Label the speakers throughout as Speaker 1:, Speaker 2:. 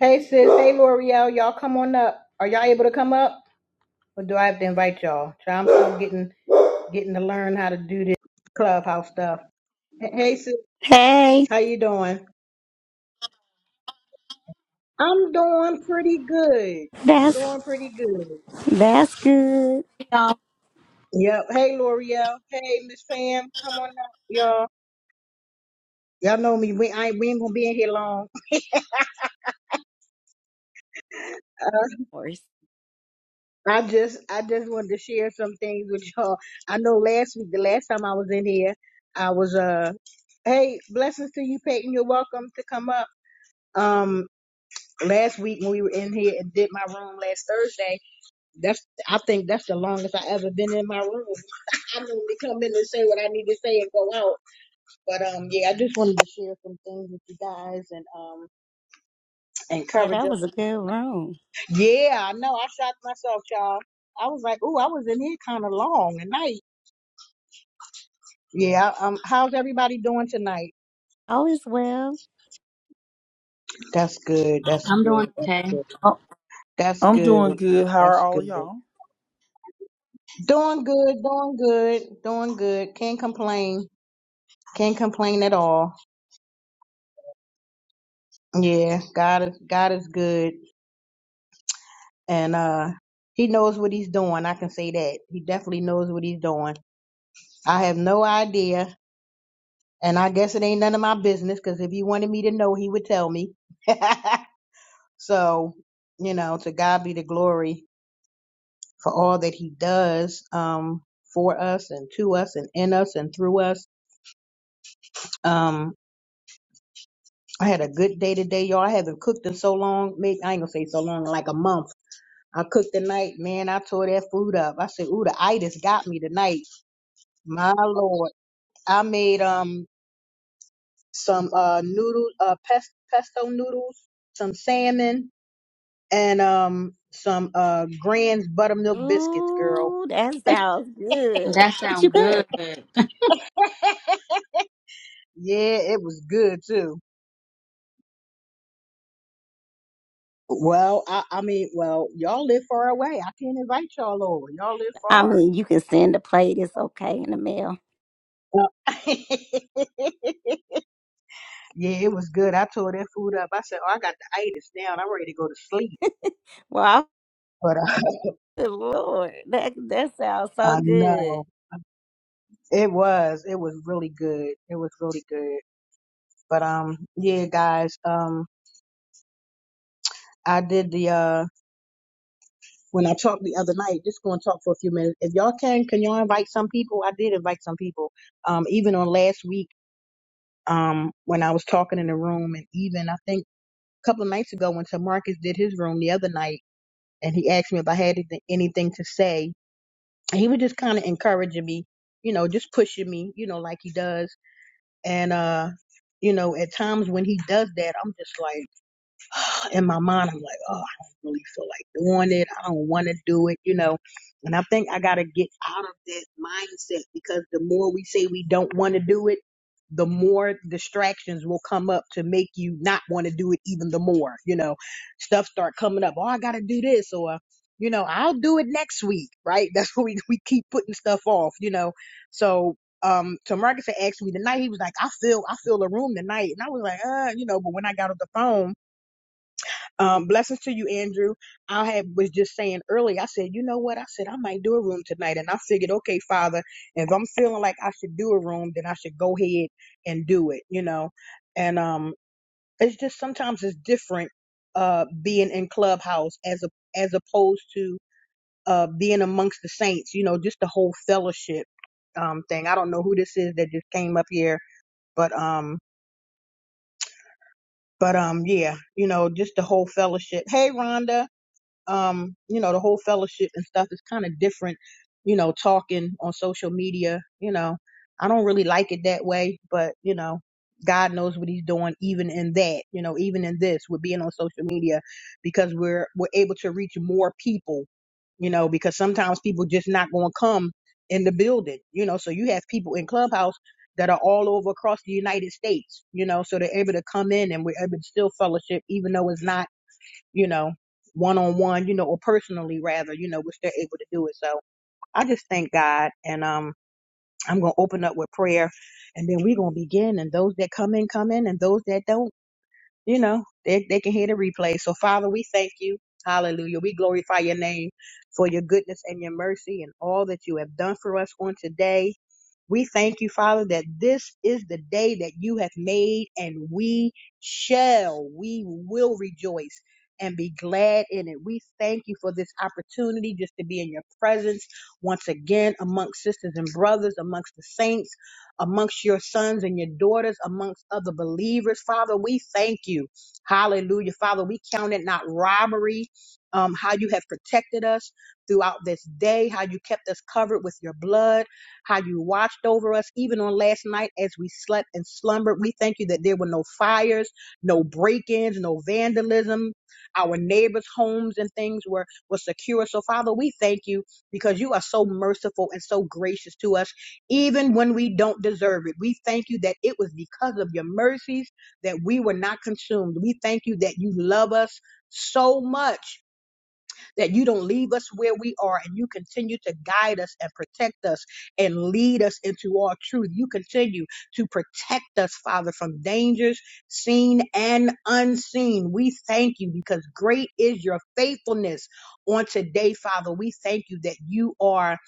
Speaker 1: Hey sis, hey L'Oreal, y'all come on up. Are y'all able to come up, or do I have to invite y'all? So I'm still getting getting to learn how to do this clubhouse stuff. Hey hey, sis,
Speaker 2: Hey,
Speaker 1: how you doing? I'm doing pretty good.
Speaker 2: that's
Speaker 1: Doing pretty good.
Speaker 2: that's good.
Speaker 3: Hey, y'all.
Speaker 1: Yep. Hey L'Oreal. Hey Miss Pam, come on up, y'all. Y'all know me. We I ain't, we ain't gonna be in here long.
Speaker 2: Or-
Speaker 1: I just I just wanted to share some things with y'all. I know last week, the last time I was in here, I was uh hey, blessings to you, Peyton. You're welcome to come up. Um last week when we were in here and did my room last Thursday, that's I think that's the longest I ever been in my room. I normally come in and say what I need to say and go out. But um yeah, I just wanted to share some things with you guys and um
Speaker 2: Yeah,
Speaker 1: encourage
Speaker 2: that
Speaker 1: us.
Speaker 2: was a good room.
Speaker 1: Yeah, I know I shot myself, y'all. I was like, ooh, I was in here kind of long, and nice. Yeah. Um. How's everybody doing tonight?
Speaker 2: All is well.
Speaker 1: That's good. That's
Speaker 3: I'm
Speaker 1: good.
Speaker 3: doing
Speaker 1: That's
Speaker 3: okay.
Speaker 1: good.
Speaker 4: I-
Speaker 1: That's
Speaker 4: I'm
Speaker 1: good.
Speaker 4: doing good. How are
Speaker 1: That's
Speaker 4: all
Speaker 1: good.
Speaker 4: of y'all?
Speaker 1: Doing good. Doing good. Doing good. Can't complain. Can't complain at all. Yeah. God is God is good, and uh, He knows what He's doing. I can say that. He definitely knows what He's doing. I have no idea, and I guess it ain't none of my business because if He wanted me to know, He would tell me. so you know, to God be the glory. for all that he does um, for us and to us and in us and through us. Um, I had a good day today, y'all. I haven't cooked in so long. Maybe I ain't gonna say so long, like a month. I cooked tonight, man. I tore that food up. I said, "Ooh, the itis got me tonight." My lord, I made um some uh noodle uh pes- pesto noodles, some salmon, and um some uh Grand's buttermilk biscuits, girl.
Speaker 2: Ooh, that sounds good.
Speaker 3: That
Speaker 2: But
Speaker 3: sounds
Speaker 2: you good.
Speaker 3: good.
Speaker 1: Yeah, it was good too. Well, I, I mean, well, y'all live far away. I can't invite y'all over. Y'all live
Speaker 2: I
Speaker 1: far.
Speaker 2: mean, you can send the plate. It's okay in the mail.
Speaker 1: Uh, yeah, it was good. I tore that food up. I said, oh, I got the itis down. I'm ready to go to sleep.
Speaker 2: Well,
Speaker 1: But uh,
Speaker 2: good Lord, that that sounds so
Speaker 1: I
Speaker 2: good.
Speaker 1: know it was. It was really good. It was really good. But um, yeah, guys. Um, I did the uh when I talked the other night. Just going to talk for a few minutes. If y'all can, can y'all invite some people? I did invite some people. Um, even on last week um when I was talking in the room and even I think couple of nights ago when Tamarcus did his room the other night, and he asked me if I had anything to say. And he was just kind of encouraging me, you know, just pushing me, you know, like he does. And uh, you know, at times when he does that, I'm just like in my mind, I'm like, oh, I don't really feel like doing it. I don't want to do it, you know. And I think I got to get out of that mindset because the more we say we don't want to do it, the more distractions will come up to make you not want to do it even the more, you know. Stuff start coming up. Oh, I got to do this or, you know, I'll do it next week, right? That's what we, we keep putting stuff off, you know. So um so Marcus had asked me tonight, he was like, I feel I feel the room tonight. And I was like, uh, you know, but when I got off the phone, um, blessings to you, Andrew. I had, was just saying earlier, I said, you know what? I said, I might do a room tonight. And I figured, okay, Father, if I'm feeling like I should do a room, then I should go ahead and do it, you know? And, um, it's just sometimes it's different, uh, being in clubhouse as a, as opposed to, uh, being amongst the saints, you know, just the whole fellowship, um, thing. I don't know who this is that just came up here, but, um, but, um, yeah, you know, just the whole fellowship. Hey, Rhonda. um, you know, the whole fellowship and stuff is kind of different, you know, talking on social media, you know. I don't really like it that way, but you know, God knows what he's doing even in that, you know, even in this with being on social media because we're we're able to reach more people, you know, because sometimes people just not going to come in the building, you know. So you have people in Clubhouse that are all over across the United States, you know, so they're able to come in and we're able to still fellowship even though it's not you know, one on one, you know, or personally rather, you know, which they're able to do it. So I just thank God and um I'm gonna open up with prayer and then we're gonna begin and those that come in, come in and those that don't, you know, they they can hear the replay. So Father, we thank you. Hallelujah. We glorify your name for your goodness and your mercy and all that you have done for us on today. We thank you, Father, that this is the day that you have made and we shall, we will rejoice and be glad in it. We thank you for this opportunity just to be in your presence once again amongst sisters and brothers, amongst the saints, amongst your sons and your daughters, amongst other believers. Father, we thank you. Hallelujah. Father, we count it not robbery. Um, how you have protected us throughout this day, how you kept us covered with your blood how you watched over us even on last night as we slept and slumbered. We thank you that there were no fires, no break-ins, no vandalism. Our neighbors' homes and things were, were secure. So Father, we thank you because you are so merciful and so gracious to us, even when we don't deserve it. We thank you that it was because of your mercies that we were not consumed. We thank you that you love us so much that you don't leave us where we are and you continue to guide us and protect us and lead us into all truth. You continue to protect us, Father, from dangers seen and unseen. We thank you because great is your faithfulness on today, Father. We thank you that you are.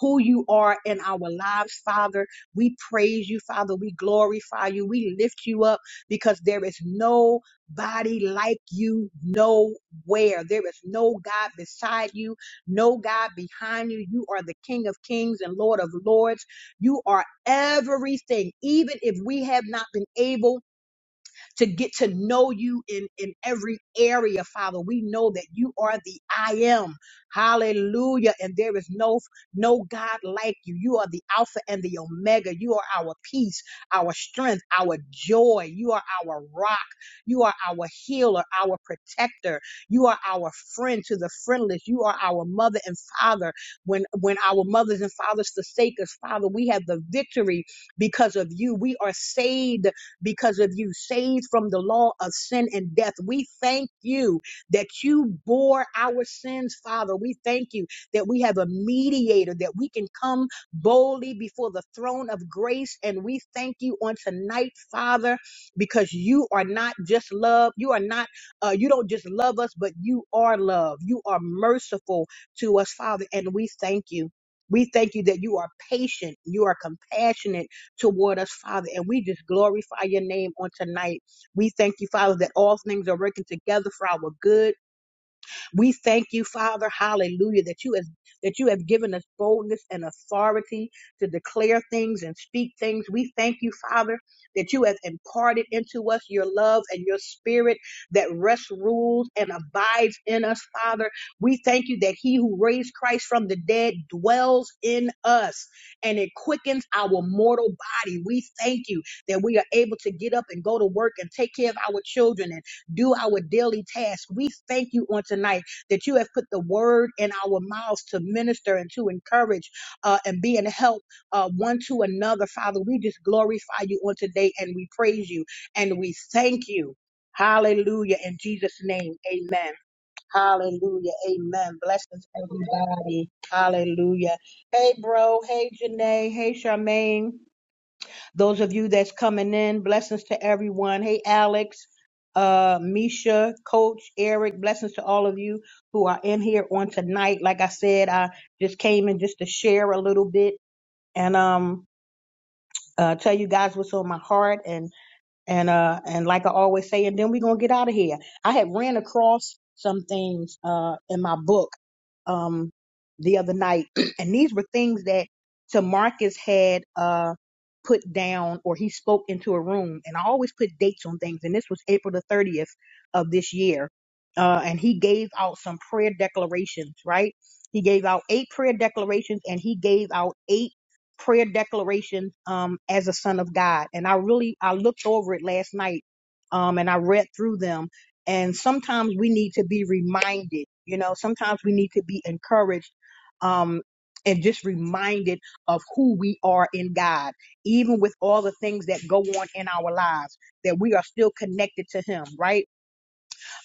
Speaker 1: Who you are in our lives, Father. We praise you, Father. We glorify you. We lift you up because there is nobody like you, No where there is no God beside you, no God behind you. You are the King of Kings and Lord of Lords. You are everything, even if we have not been able to get to know you in, in every area, Father. We know that you are the I am. Hallelujah. And there is no, no God like you. You are the Alpha and the Omega. You are our peace, our strength, our joy. You are our rock. You are our healer, our protector. You are our friend to the friendless. You are our mother and father. When, when our mothers and fathers forsake us, Father, we have the victory because of you. We are saved because of you, saved from the law of sin and death. We thank you that you bore our sins, Father. We thank you that we have a mediator, that we can come boldly before the throne of grace. And we thank you on tonight, Father, because you are not just love. You are not, uh, you don't just love us, but you are love. You are merciful to us, Father. And we thank you. We thank you that you are patient, you are compassionate toward us, Father. And we just glorify your name on tonight. We thank you, Father, that all things are working together for our good we thank you, Father, hallelujah, that you has that you have given us boldness and authority to declare things and speak things. We thank you, Father, that you have imparted into us your love and your spirit that rests, rules, and abides in us, Father. We thank you that he who raised Christ from the dead dwells in us and it quickens our mortal body. We thank you that we are able to get up and go to work and take care of our children and do our daily tasks. We thank you on tonight that you have put the word in our mouths to minister and to encourage uh, and be in help uh, one to another. Father, we just glorify you on today and we praise you and we thank you. Hallelujah. In Jesus' name, amen. Hallelujah. Amen. Blessings, everybody. Hallelujah. Hey, bro. Hey, Janae. Hey, Charmaine. Those of you that's coming in, blessings to everyone. Hey, Alex, uh, Misha, Coach, Eric, blessings to all of you who are in here on tonight. Like I said, I just came in just to share a little bit and um, uh, tell you guys what's on my heart and. And uh and like I always say, and then we're gonna get out of here. I had ran across some things uh in my book um the other night, and these were things that Tamarcus had uh put down or he spoke into a room and I always put dates on things and this was April the 30th of this year. Uh and he gave out some prayer declarations, right? He gave out eight prayer declarations and he gave out eight prayer declaration um, as a son of God. And I really I looked over it last night um, and I read through them. And sometimes we need to be reminded, you know, sometimes we need to be encouraged um, and just reminded of who we are in God, even with all the things that go on in our lives, that we are still connected to Him, right?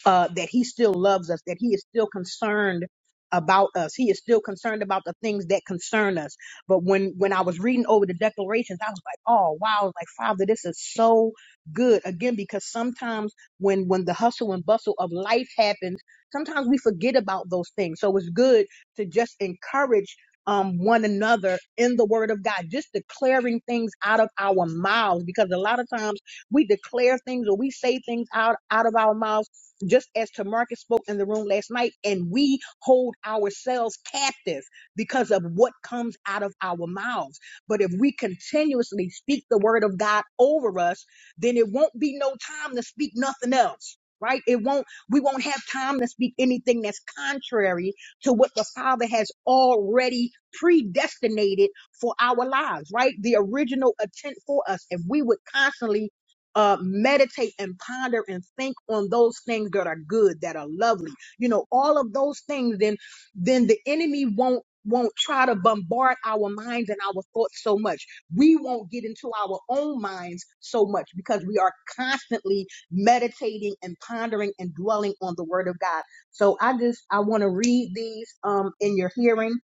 Speaker 1: uh, that he still loves us, that he is still concerned about us. He is still concerned about the things that concern us. But when, when I was reading over the declarations, I was like, oh, wow. I was like, Father, this is so good. Again, because sometimes when, when the hustle and bustle of life happens, sometimes we forget about those things. So it's good to just encourage um, one another in the word of God, just declaring things out of our mouths, because a lot of times we declare things or we say things out, out of our mouths just as Tamarcus spoke in the room last night, and we hold ourselves captive because of what comes out of our mouths. But if we continuously speak the word of God over us, then it won't be no time to speak nothing else. Right? It won't, we won't have time to speak anything that's contrary to what the Father has already predestinated for our lives, right? The original intent for us. If we would constantly uh, meditate and ponder and think on those things that are good, that are lovely. You know, all of those things. Then, then the enemy won't won't try to bombard our minds and our thoughts so much. We won't get into our own minds so much because we are constantly meditating and pondering and dwelling on the word of God. So I just I want to read these um in your hearing.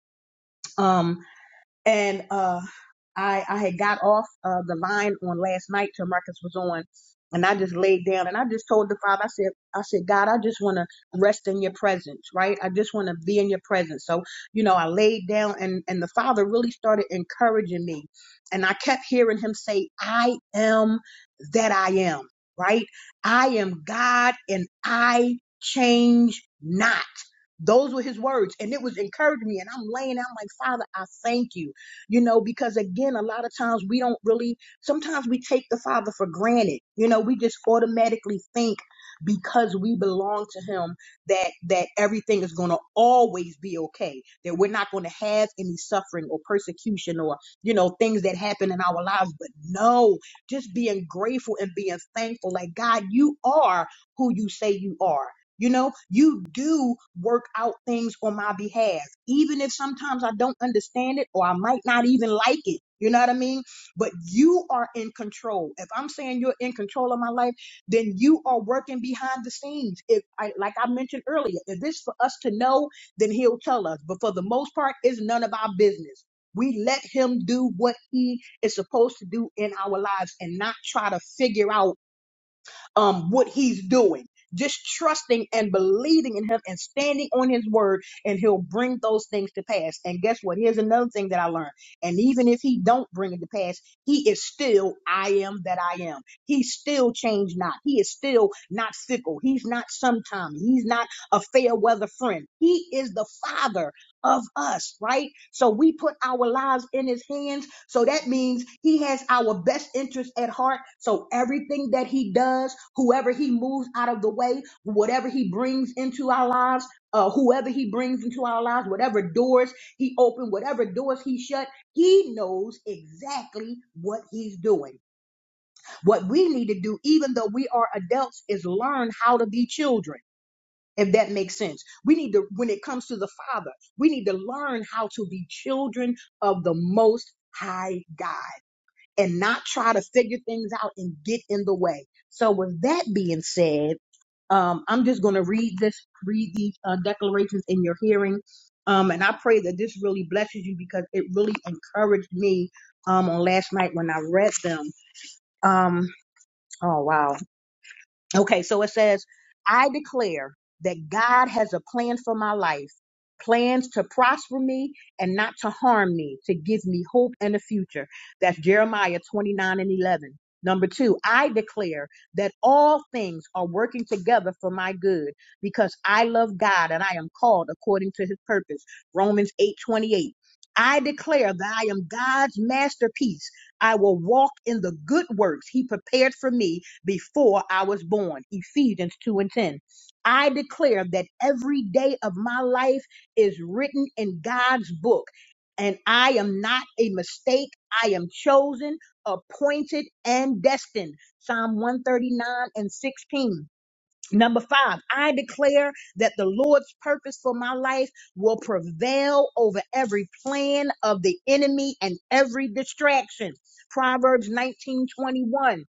Speaker 1: Um and uh, I I had got off uh, the line on last night till Marcus was on, and I just laid down and I just told the Father, I said, I said, God, I just want to rest in Your presence, right? I just want to be in Your presence. So you know, I laid down and and the Father really started encouraging me, and I kept hearing Him say, I am that I am, right? I am God, and I change not. Those were his words, and it was encouraging me. And I'm laying out, I'm like, Father, I thank you you know, because again, a lot of times we don't really, sometimes we take the Father for granted. You know, we just automatically think because we belong to him that that everything is going to always be okay that we're not going to have any suffering or persecution or you know things that happen in our lives but no just being grateful and being thankful like god you are who you say you are you know, you do work out things on my behalf, even if sometimes I don't understand it or I might not even like it. You know what I mean? But you are in control. If I'm saying you're in control of my life, then you are working behind the scenes. If I, like I mentioned earlier, if it's for us to know, then he'll tell us. But for the most part, it's none of our business. We let him do what he is supposed to do in our lives and not try to figure out um, what he's doing. Just trusting and believing in him and standing on his word, and he'll bring those things to pass. And guess what? Here's another thing that I learned. And even if he don't bring it to pass, he is still I am that I am. He still changed not. He is still not fickle. He's not sometime. He's not a fair weather friend. He is the father of us, right? So we put our lives in his hands so that means he has our best interest at heart. So everything that he does, whoever he moves out of the way, whatever he brings into our lives, uh, whoever he brings into our lives, whatever doors he opened, whatever doors he shut, he knows exactly what he's doing. What we need to do, even though we are adults, is learn how to be children. If that makes sense, we need to, when it comes to the Father, we need to learn how to be children of the Most High God and not try to figure things out and get in the way. So with that being said, um, I'm just going to read this, read these uh, declarations in your hearing. Um, and I pray that this really blesses you because it really encouraged me um, on last night when I read them. Um, oh, wow. Okay, so it says, I declare that God has a plan for my life, plans to prosper me and not to harm me, to give me hope and a future. That's Jeremiah 29 and 11. Number two, I declare that all things are working together for my good because I love God and I am called according to his purpose. Romans 8:28. I declare that I am God's masterpiece. I will walk in the good works he prepared for me before I was born. Ephesians 2 and 10. I declare that every day of my life is written in God's book, and I am not a mistake. I am chosen, appointed, and destined. Psalm 139 and 16. Number five, I declare that the Lord's purpose for my life will prevail over every plan of the enemy and every distraction. Proverbs 19 21.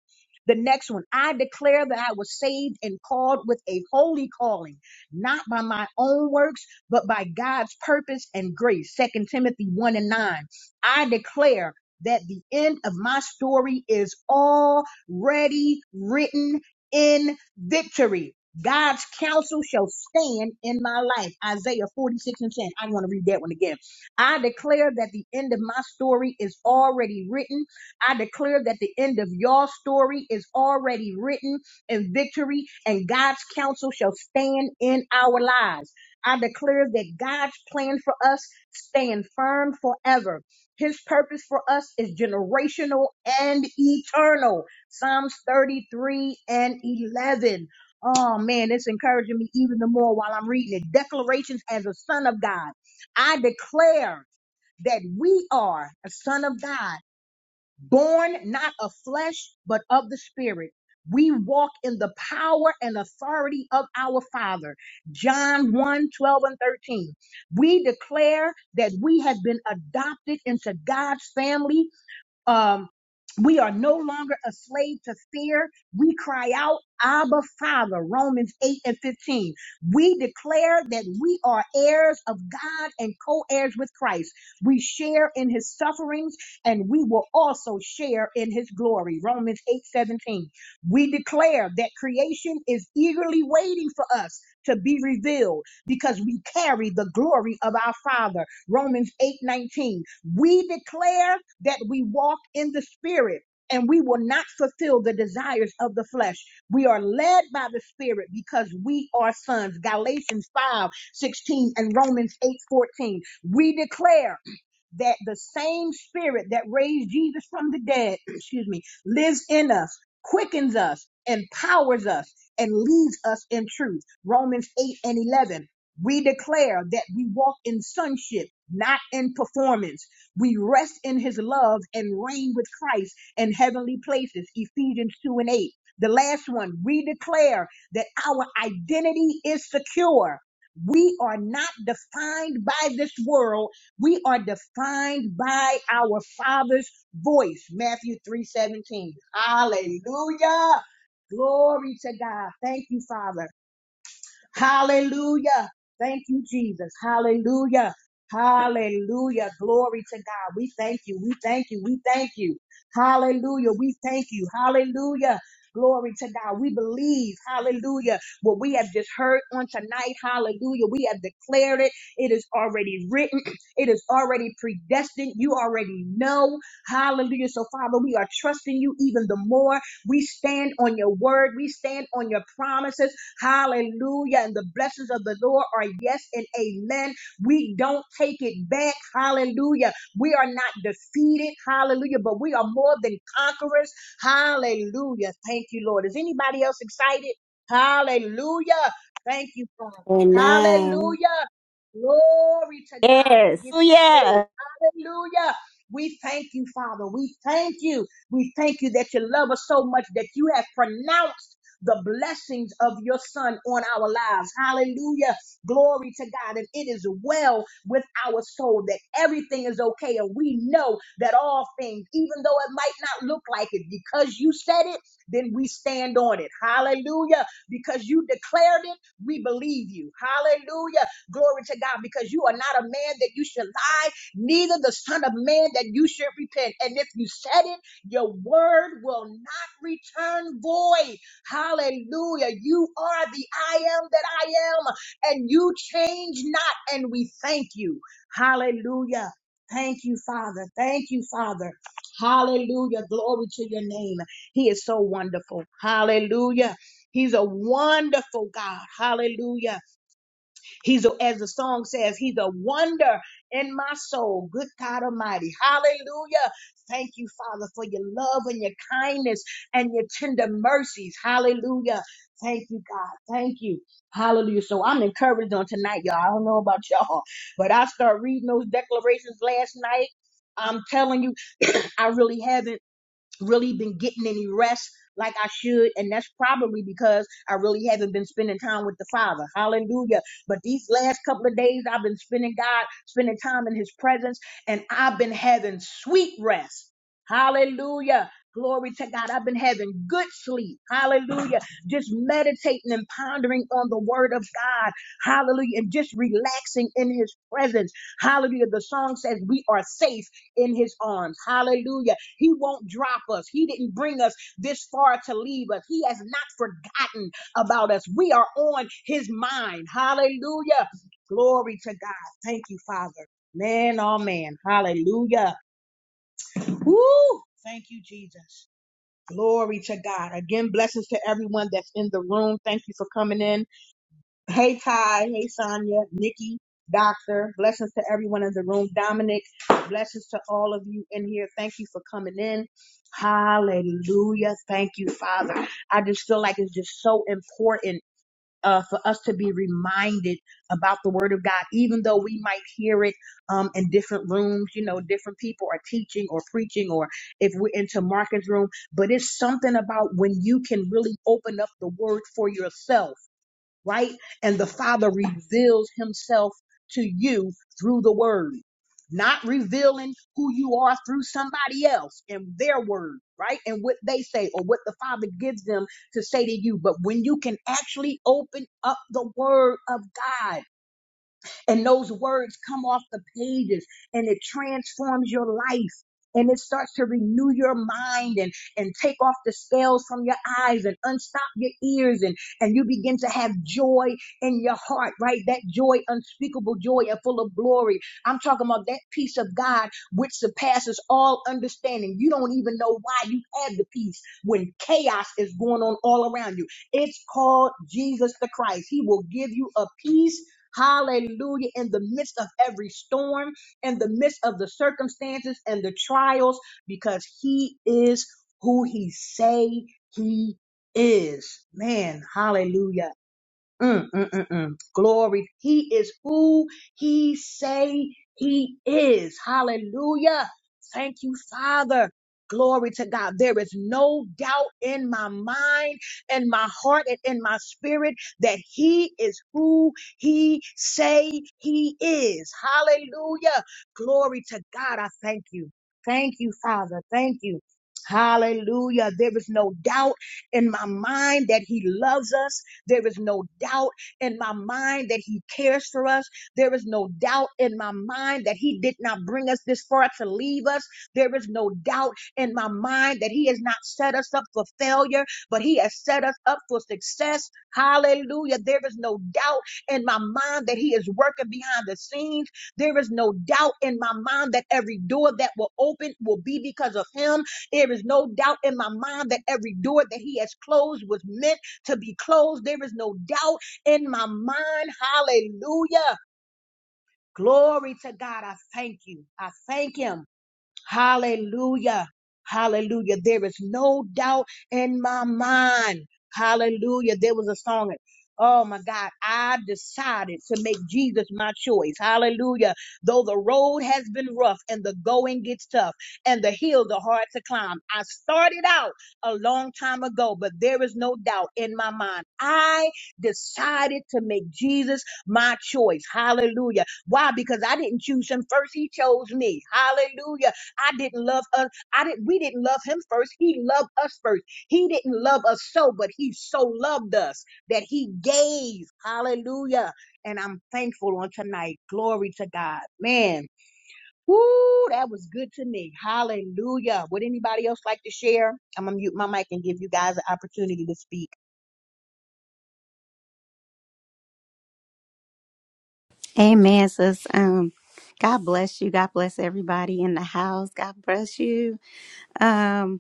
Speaker 1: The next one, I declare that I was saved and called with a holy calling, not by my own works, but by God's purpose and grace. Second Timothy 1 and 9. I declare that the end of my story is already written in victory. God's counsel shall stand in my life. Isaiah 46 and 10. I'm going to read that one again. I declare that the end of my story is already written. I declare that the end of your story is already written in victory, and God's counsel shall stand in our lives. I declare that God's plan for us stand firm forever. His purpose for us is generational and eternal. Psalms 33 and 11. Oh man, it's encouraging me even the more while I'm reading it. Declarations as a son of God. I declare that we are a son of God, born not of flesh, but of the spirit. We walk in the power and authority of our Father. John 1 twelve, and 13. We declare that we have been adopted into God's family um, we are no longer a slave to fear. We cry out, Abba Father, Romans 8 and 15. We declare that we are heirs of God and co heirs with Christ. We share in his sufferings and we will also share in his glory. Romans 8:17. We declare that creation is eagerly waiting for us to be revealed because we carry the glory of our Father. Romans 8:19. We declare that we walk in the Spirit and we will not fulfill the desires of the flesh. We are led by the Spirit because we are sons. Galatians 5:16 and Romans 8:14. We declare that the same spirit that raised Jesus from the dead, excuse me, lives in us, quickens us, empowers us, and leads us in truth. Romans 8 and 11. We declare that we walk in sonship, not in performance. We rest in his love and reign with Christ in heavenly places. Ephesians 2 and 8. The last one, we declare that our identity is secure. We are not defined by this world we are defined by our Father's voice. Matthew 3:17. Hallelujah. Glory to God. Thank you, Father. Hallelujah. Thank you, Jesus. Hallelujah. Hallelujah. Glory to God. We thank you. We thank you. We thank you. Hallelujah. We thank you. Hallelujah. Glory to God. We believe. Hallelujah. What we have just heard on tonight. Hallelujah. We have declared it. It is already written. It is already predestined. You already know. Hallelujah. So, Father, we are trusting you even the more. We stand on your word. We stand on your promises. Hallelujah. And the blessings of the Lord are yes and amen. We don't take it back. Hallelujah. We are not defeated. Hallelujah. But we are more than conquerors. Hallelujah. Thank you, Lord. Is anybody else excited? Hallelujah. Thank you, Father.
Speaker 5: Amen.
Speaker 1: Hallelujah. Glory to God. We
Speaker 2: Yes.
Speaker 1: give
Speaker 2: Oh
Speaker 1: you praise.
Speaker 2: yeah.
Speaker 1: Hallelujah. We thank you, Father. We thank you. We thank you that you love us so much that you have pronounced the blessings of your son on our lives. Hallelujah. Glory to God. And it is well with our soul that everything is okay. And we know that all things, even though it might not look like it, because you said it, then we stand on it. Hallelujah. Because you declared it, we believe you. Hallelujah. Glory to God. Because you are not a man that you should lie, neither the son of man that you should repent. And if you said it, your word will not return void. Hallelujah. You are the I am that I am, and you change not, and we thank you. Hallelujah. Thank you, Father. Thank you, Father. Hallelujah. Glory to your name. He is so wonderful. Hallelujah. He's a wonderful God. Hallelujah. He's, a, as the song says, he's a wonder in my soul. Good God Almighty. Hallelujah. Thank you, Father, for your love and your kindness and your tender mercies. Hallelujah. Thank you, God. Thank you. Hallelujah. So I'm encouraged on tonight, y'all. I don't know about y'all, but I start reading those declarations last night. I'm telling you, I really haven't really been getting any rest like I should. And that's probably because I really haven't been spending time with the Father. Hallelujah. But these last couple of days, I've been spending God, spending time in His presence, and I've been having sweet rest. Hallelujah. Glory to God. I've been having good sleep. Hallelujah. Just meditating and pondering on the word of God. Hallelujah. And just relaxing in his presence. Hallelujah. The song says we are safe in his arms. Hallelujah he won't drop us. He didn't bring us this far to leave us. He has not forgotten about us. We are on his mind. Hallelujah. Glory to God. Thank you, Father. Man, oh man. Hallelujah. Woo! Thank you, Jesus. Glory to God. Again, blessings to everyone that's in the room. Thank you for coming in. Hey Kai, hey Sonia, Nikki, Doctor, blessings to everyone in the room. Dominic, blessings to all of you in here. Thank you for coming in. Hallelujah. Thank you, Father. I just feel like it's just so important uh, for us to be reminded about the Word of God, even though we might hear it um, in different rooms. You know, different people are teaching or preaching, or if we're into Marcus' room, but it's something about when you can really open up the Word for yourself right? And the Father reveals himself to you through the word, not revealing who you are through somebody else and their word, right? And what they say or what the Father gives them to say to you. But when you can actually open up the word of God, and those words come off the pages and it transforms your life and it starts to renew your mind and and take off the scales from your eyes and unstop your ears and and you begin to have joy in your heart right that joy unspeakable joy and full of glory i'm talking about that peace of god which surpasses all understanding you don't even know why you have the peace when chaos is going on all around you it's called jesus the christ he will give you a peace Hallelujah. In the midst of every storm, in the midst of the circumstances and the trials, because he is who he say he is. Man, hallelujah. Mm, mm, mm, mm. Glory. He is who he say he is. Hallelujah. Thank you, Father. Glory to God. There is no doubt in my mind, in my heart, and in my spirit that he is who he say he is. Hallelujah. Glory to God. I thank you. Thank you, Father. Thank you. Hallelujah. There is no doubt in my mind that he loves us there is no doubt in my mind that He cares for us. There is no doubt in my mind that He did not bring us this far to leave us. There is no doubt in my mind that He has not set us up for failure, but He has set us up for success. Hallelujah. There is no doubt in my mind that He is working behind the scenes. There is no doubt in my mind that every door that will open will be because of Him. There is no doubt in my mind that every door that He has closed was meant to be closed. There is no doubt in my mind. Hallelujah. Glory to God. I thank you. I thank Him Hallelujah. Hallelujah. There is no doubt in my mind. Hallelujah. There was a song. Oh my God. I decided to make Jesus my choice. Hallelujah. Though the road has been rough and the going gets tough and the hills are hard to climb. I started out a long time ago, but there is no doubt in my mind. I decided to make Jesus my choice. Hallelujah. Why? Because I didn't choose him first. He chose me. Hallelujah. I didn't love us. I didn't. We didn't love him first. He loved us first. He didn't love us so, but he so loved us that he gave. Hallelujah. And I'm thankful on tonight. Glory to God. Man, woo, that was good to me. Hallelujah. Would anybody else like to share? I'm gonna mute my mic and give you guys an opportunity to speak.
Speaker 2: Amen, sis. Um, God bless you. God bless everybody in the house. God bless you. Um.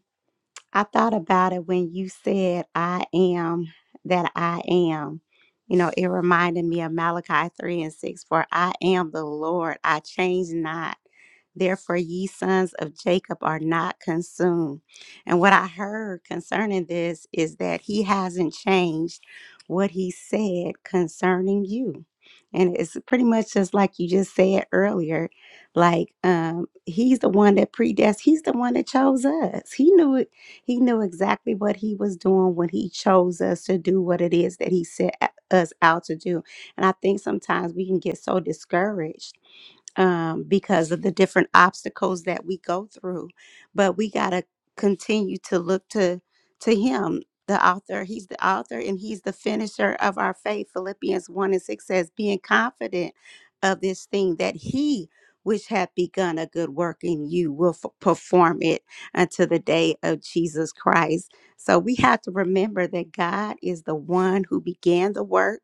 Speaker 2: I thought about it when you said, I am that I am. You know, it reminded me of Malachi 3 and 6 For I am the Lord, I change not. Therefore, ye sons of Jacob are not consumed. And what I heard concerning this is that he hasn't changed what he said concerning you. And it's pretty much just like you just said earlier like um he's the one that predestined he's the one that chose us he knew he knew exactly what he was doing when he chose us to do what it is that he set us out to do. And I think sometimes we can get so discouraged um, because of the different obstacles that we go through. But we gotta continue to look to to Him, the author. He's the author, and He's the finisher of our faith. Philippians one and six says, "Being confident of this thing that He." Which hath begun a good work in you will f- perform it until the day of Jesus Christ. So we have to remember that God is the one who began the work,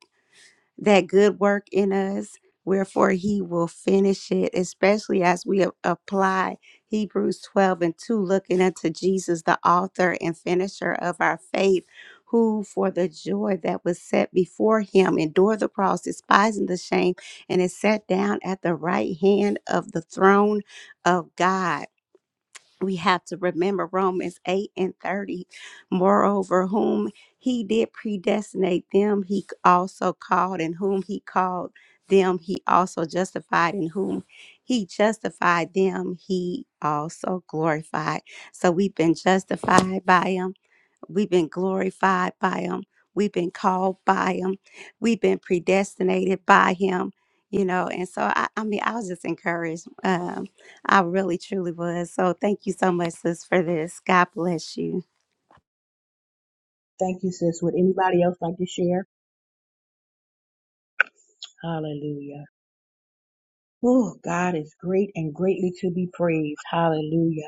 Speaker 2: that good work in us. Wherefore he will finish it, especially as we a- apply Hebrews 12 and 2, looking unto Jesus, the author and finisher of our faith, who for the joy that was set before him endured the cross, despising the shame, and is set down at the right hand of the throne of God we have to remember Romans 8 and 30. Moreover, whom he did predestinate them, he also called, and whom he called them, he also justified, and whom he justified them, he also glorified. So we've been justified by him We've been glorified by him. We've been called by him. We've been predestinated by him. You know, and so I, I mean, I was just encouraged. Um, I really, truly was. So thank you so much, sis, for this. God bless you.
Speaker 1: Thank you, sis. Would anybody else like to share? Hallelujah. Oh, God is great and greatly to be praised. Hallelujah.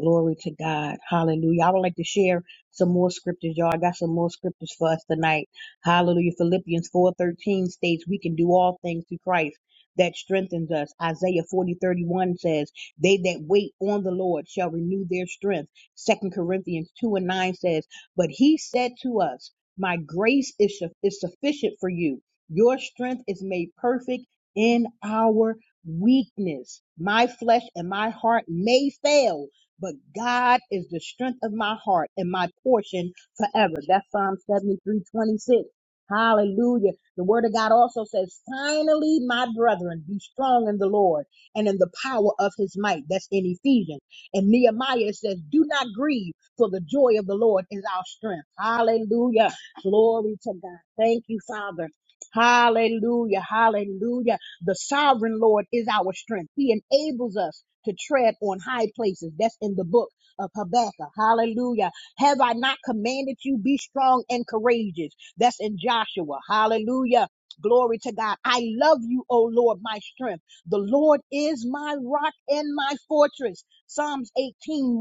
Speaker 1: Glory to God. Hallelujah. I would like to share some more scriptures, y'all. I got some more scriptures for us tonight. Hallelujah. Philippians 4.13 states we can do all things through Christ that strengthens us. Isaiah 40.31 says, they that wait on the Lord shall renew their strength. Second Corinthians 2 and 9 says, but he said to us, my grace is, su- is sufficient for you. Your strength is made perfect in our weakness. My flesh and my heart may fail but God is the strength of my heart and my portion forever. That's Psalm 73 26. Hallelujah. The word of God also says, finally, my brethren, be strong in the Lord and in the power of his might. That's in Ephesians. And Nehemiah says, do not grieve, for the joy of the Lord is our strength. Hallelujah. Glory to God. Thank you, Father. Hallelujah. Hallelujah. The sovereign Lord is our strength. He enables us to tread on high places. That's in the book of Habakkuk. Hallelujah. Have I not commanded you be strong and courageous? That's in Joshua. Hallelujah. Glory to God. I love you, O Lord, my strength. The Lord is my rock and my fortress. Psalms 18,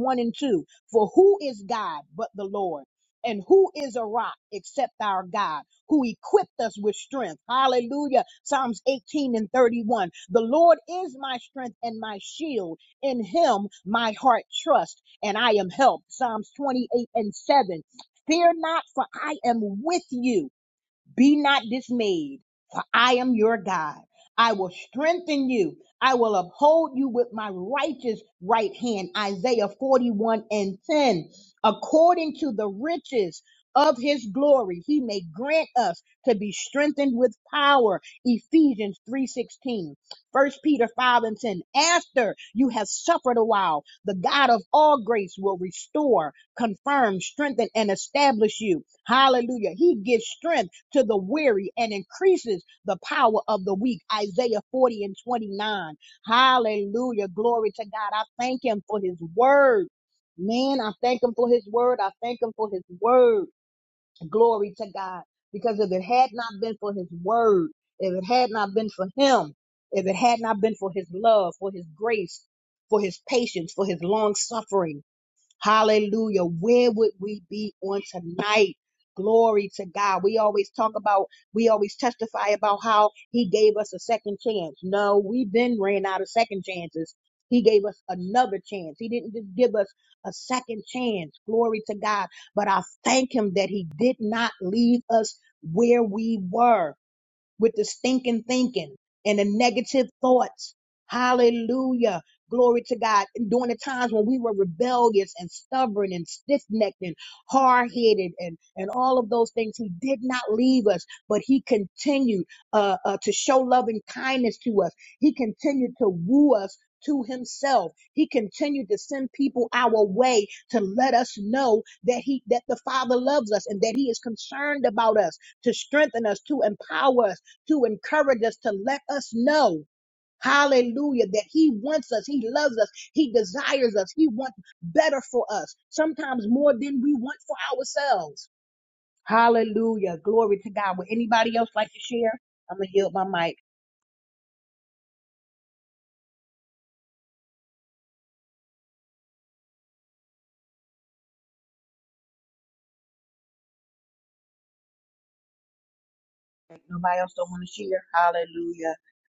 Speaker 1: one and 2. For who is God but the Lord? And who is a rock except our God? who equipped us with strength. Hallelujah. Psalms 18 and 31. The Lord is my strength and my shield. In him my heart trusts and I am helped. Psalms 28 and 7. Fear not, for I am with you. Be not dismayed, for I am your God. I will strengthen you. I will uphold you with my righteous right hand. Isaiah 41 and 10. According to the riches of his glory, he may grant us to be strengthened with power. Ephesians 3:16. First Peter 5 and 10. After you have suffered a while, the God of all grace will restore, confirm, strengthen, and establish you. Hallelujah. He gives strength to the weary and increases the power of the weak. Isaiah 40 and 29. Hallelujah. Glory to God. I thank him for his word. Man, I thank him for his word. I thank him for his word. Glory to God. Because if it had not been for his word, if it had not been for him, if it had not been for his love, for his grace, for his patience, for his long suffering, Hallelujah. Where would we be on tonight? Glory to God. We always talk about, we always testify about how he gave us a second chance. No, we then ran out of second chances. He gave us another chance. He didn't just give us a second chance. Glory to God. But I thank him that he did not leave us where we were with the stinking thinking and the negative thoughts. Hallelujah. Glory to God. And during the times when we were rebellious and stubborn and stiff necked and hard headed and, and all of those things, He did not leave us, but He continued uh, uh, to show love and kindness to us. He continued to woo us to Himself. He continued to send people our way to let us know that He, that the Father loves us and that He is concerned about us, to strengthen us, to empower us to encourage us, to let us know, hallelujah, that He wants us, He loves us, He desires us, He wants better for us, sometimes more than we want for ourselves. Hallelujah. Glory to God. Would anybody else like to share? I'm going to yield my mic. If Nobody else don't want to share. Hallelujah.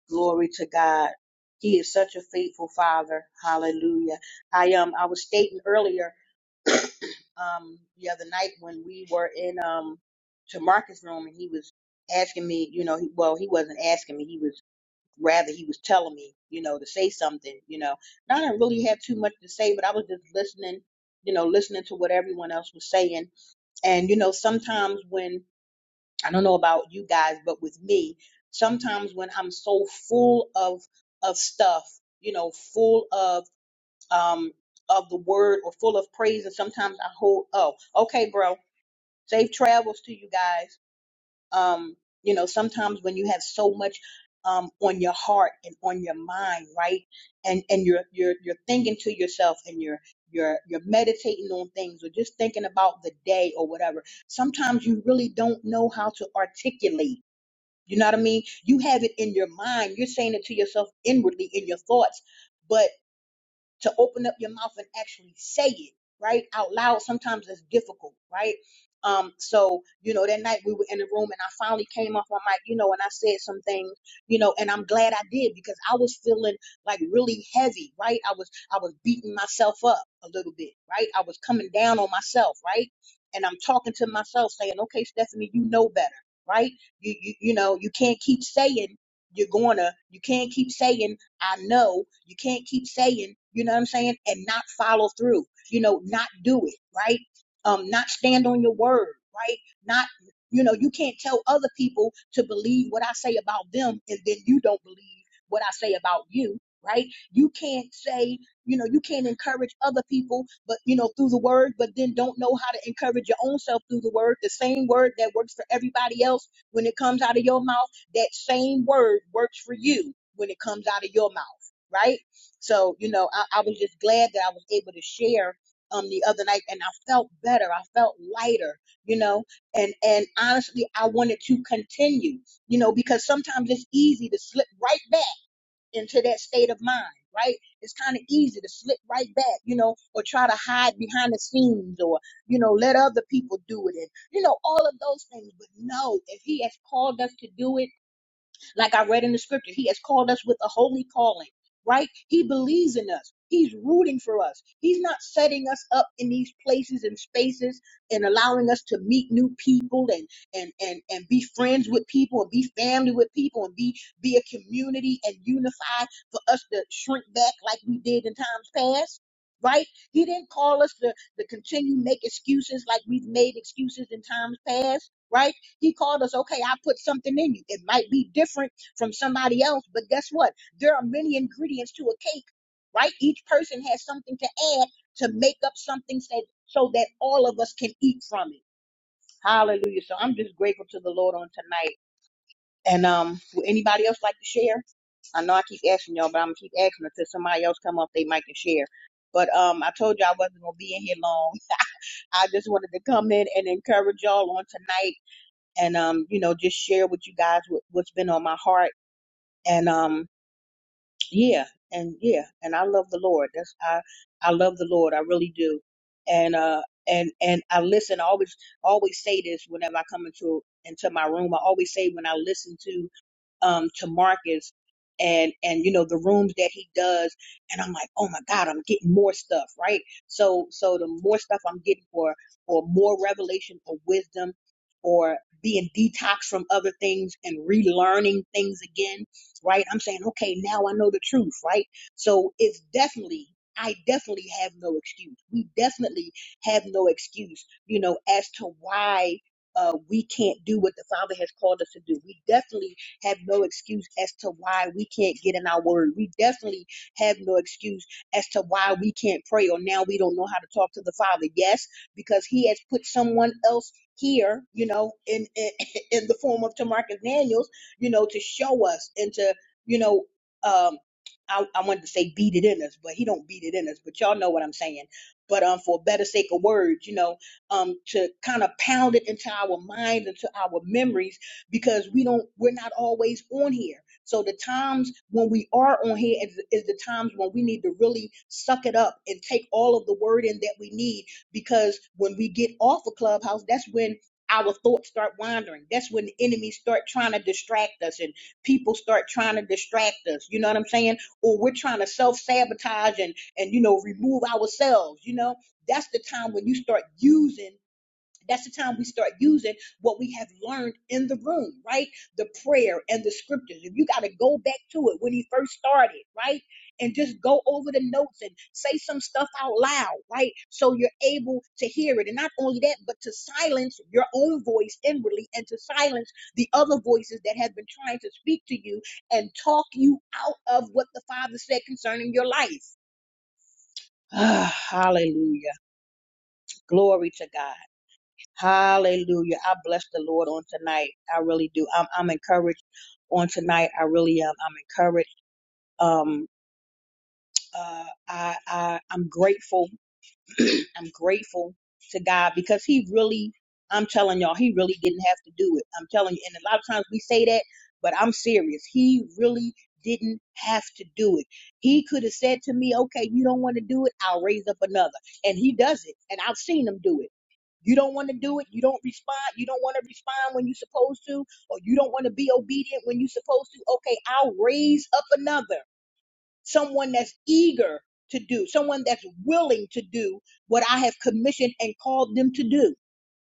Speaker 1: Glory to God. He is such a faithful father. Hallelujah. I um I was stating earlier um the other night when we were in um to Marcus room and he was asking me, you know, he, well he wasn't asking me, he was rather he was telling me, you know, to say something, you know. And I didn't really have too much to say, but I was just listening, you know, listening to what everyone else was saying. And you know, sometimes when I don't know about you guys, but with me, sometimes when I'm so full of of stuff, you know, full of um of the word or full of praise and sometimes I hold oh, okay, bro safe travels to you guys. Um, you know, sometimes when you have so much um, on your heart and on your mind, right? And and you're you're you're thinking to yourself and you're you're you're meditating on things or just thinking about the day or whatever. Sometimes you really don't know how to articulate. You know what I mean? You have it in your mind. You're saying it to yourself inwardly in your thoughts, but to open up your mouth and actually say it right out loud sometimes it's difficult right um so you know that night we were in the room and i finally came off my mic you know and i said some things you know and i'm glad i did because i was feeling like really heavy right i was i was beating myself up a little bit right i was coming down on myself right and i'm talking to myself saying okay stephanie you know better right you you, you know you can't keep saying you're gonna you can't keep saying I know you can't keep saying, you know what I'm saying, and not follow through, you know, not do it, right? Um, not stand on your word, right? Not, you know, you can't tell other people to believe what I say about them and then you don't believe what I say about you, right? You can't say, you know, you can't encourage other people, but, you know, through the word, but then don't know how to encourage your own self through the word, the same word that works for everybody else when it comes out of your mouth that same word works for you when it comes out of your mouth, right? So, you know, I, I was just glad that I was able to share um the other night and I felt better. I felt lighter, you know, and and honestly I wanted to continue, you know, because sometimes it's easy to slip right back into that state of mind, right? It's kind of easy to slip right back, you know, or try to hide behind the scenes or, you know, let other people do it and you know, all of those things. But no, if he has called us to do it like I read in the scripture, He has called us with a holy calling, right? He believes in us. He's rooting for us. He's not setting us up in these places and spaces and allowing us to meet new people and and and and be friends with people and be family with people and be be a community and unified for us to shrink back like we did in times past. Right? He didn't call us to, to continue make excuses like we've made excuses in times past, right? He called us, okay, I put something in you. It might be different from somebody else, but guess what? There are many ingredients to a cake, right? Each person has something to add to make up something so so that all of us can eat from it. Hallelujah. So I'm just grateful to the Lord on tonight. And um, would anybody else like to share? I know I keep asking y'all, but I'm gonna keep asking until somebody else come off they mic and share. But um, I told you I wasn't gonna be in here long. I just wanted to come in and encourage y'all on tonight and um, you know, just share with you guys what, what's been on my heart. And um, yeah, and yeah, and I love the Lord. That's I I love the Lord. I really do. And uh, and and I listen. I always always say this whenever I come into into my room. I always say when I listen to um, to Marcus and and you know the rooms that he does and I'm like oh my god I'm getting more stuff right so so the more stuff I'm getting for for more revelation or wisdom or being detoxed from other things and relearning things again right I'm saying okay now I know the truth right so it's definitely I definitely have no excuse we definitely have no excuse you know as to why uh, we can't do what the Father has called us to do. We definitely have no excuse as to why we can't get in our word. We definitely have no excuse as to why we can't pray or now we don't know how to talk to the Father. Yes, because He has put someone else here, you know, in in, in the form of Tamarcus Daniels, you know, to show us and to, you know, um, I, I wanted to say beat it in us, but he don't beat it in us. But y'all know what I'm saying. But um, for better sake of words, you know, um, to kind of pound it into our mind, into our memories because we don't we're not always on here so the times when we are on here is, is the times when we need to really suck it up and take all of the word in that we need because when we get off of clubhouse that's when our thoughts start wandering that's when the enemies start trying to distract us and people start trying to distract us you know what i'm saying or we're trying to self-sabotage and and you know remove ourselves you know that's the time when you start using that's the time we start using what we have learned in the room, right? The prayer and the scriptures. If you got to go back to it when he first started, right? And just go over the notes and say some stuff out loud, right? So you're able to hear it. And not only that, but to silence your own voice inwardly and to silence the other voices that have been trying to speak to you and talk you out of what the Father said concerning your life. Ah, hallelujah. Glory to God. Hallelujah. I bless the Lord on tonight. I really do. I'm, I'm encouraged on tonight. I really am. I'm encouraged. Um, uh, I, I, I'm grateful. I'm grateful to God because he really, I'm telling y'all, he really didn't have to do it. I'm telling you. And a lot of times we say that, but I'm serious. He really didn't have to do it. He could have said to me, okay, you don't want to do it. I'll raise up another. And he does it. And I've seen him do it. You don't want to do it. You don't respond. You don't want to respond when you're supposed to, or you don't want to be obedient when you're supposed to. Okay, I'll raise up another, someone that's eager to do, someone that's willing to do what I have commissioned and called them to do.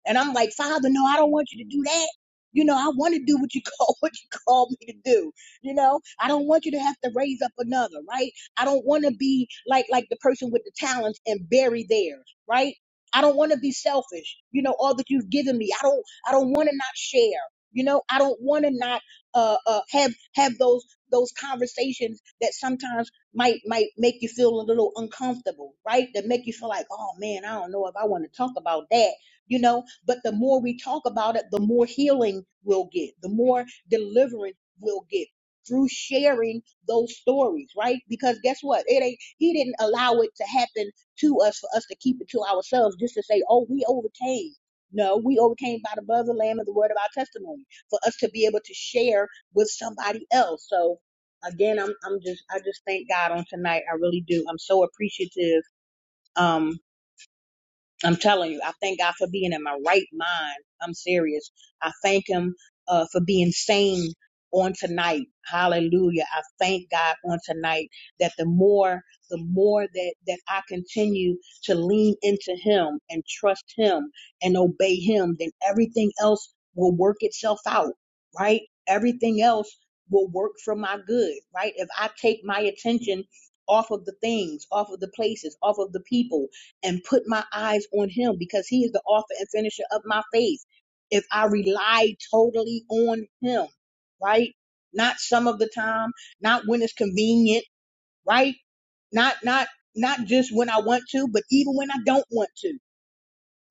Speaker 1: And I'm like, Father, no, I don't want you to do that. You know, I want to do what you call what you called me to do. You know, I don't want you to have to raise up another, right? I don't want to be like like the person with the talents and bury theirs, right? I don't want to be selfish. You know, all that you've given me, I don't I don't want to not share. You know, I don't want to not uh, uh have have those those conversations that sometimes might might make you feel a little uncomfortable, right? That make you feel like, oh man, I don't know if I want to talk about that you know but the more we talk about it, the more healing we'll get, the more deliverance we'll get through sharing those stories, right? Because guess what? It ain't he didn't allow it to happen to us for us to keep it to ourselves just to say, oh, we overcame. No, we overcame by the blood of the Lamb and the word of our testimony for us to be able to share with somebody else. So again, I'm I'm just I just thank God on tonight. I really do. I'm so appreciative Um. I'm telling you, I thank God for being in my right mind. I'm serious. I thank Him uh, for being sane on tonight. Hallelujah. I thank God on tonight that the more, the more that, that I continue to lean into Him and trust Him and obey Him, then everything else will work itself out, right? Everything else will work for my good, right? If I take my attention off of the things, off of the places, off of the people, and put my eyes on him because he is the author and finisher of my faith. If I rely totally on him, right? Not some of the time, not when it's convenient, right? Not not not just when I want to, but even when I don't want to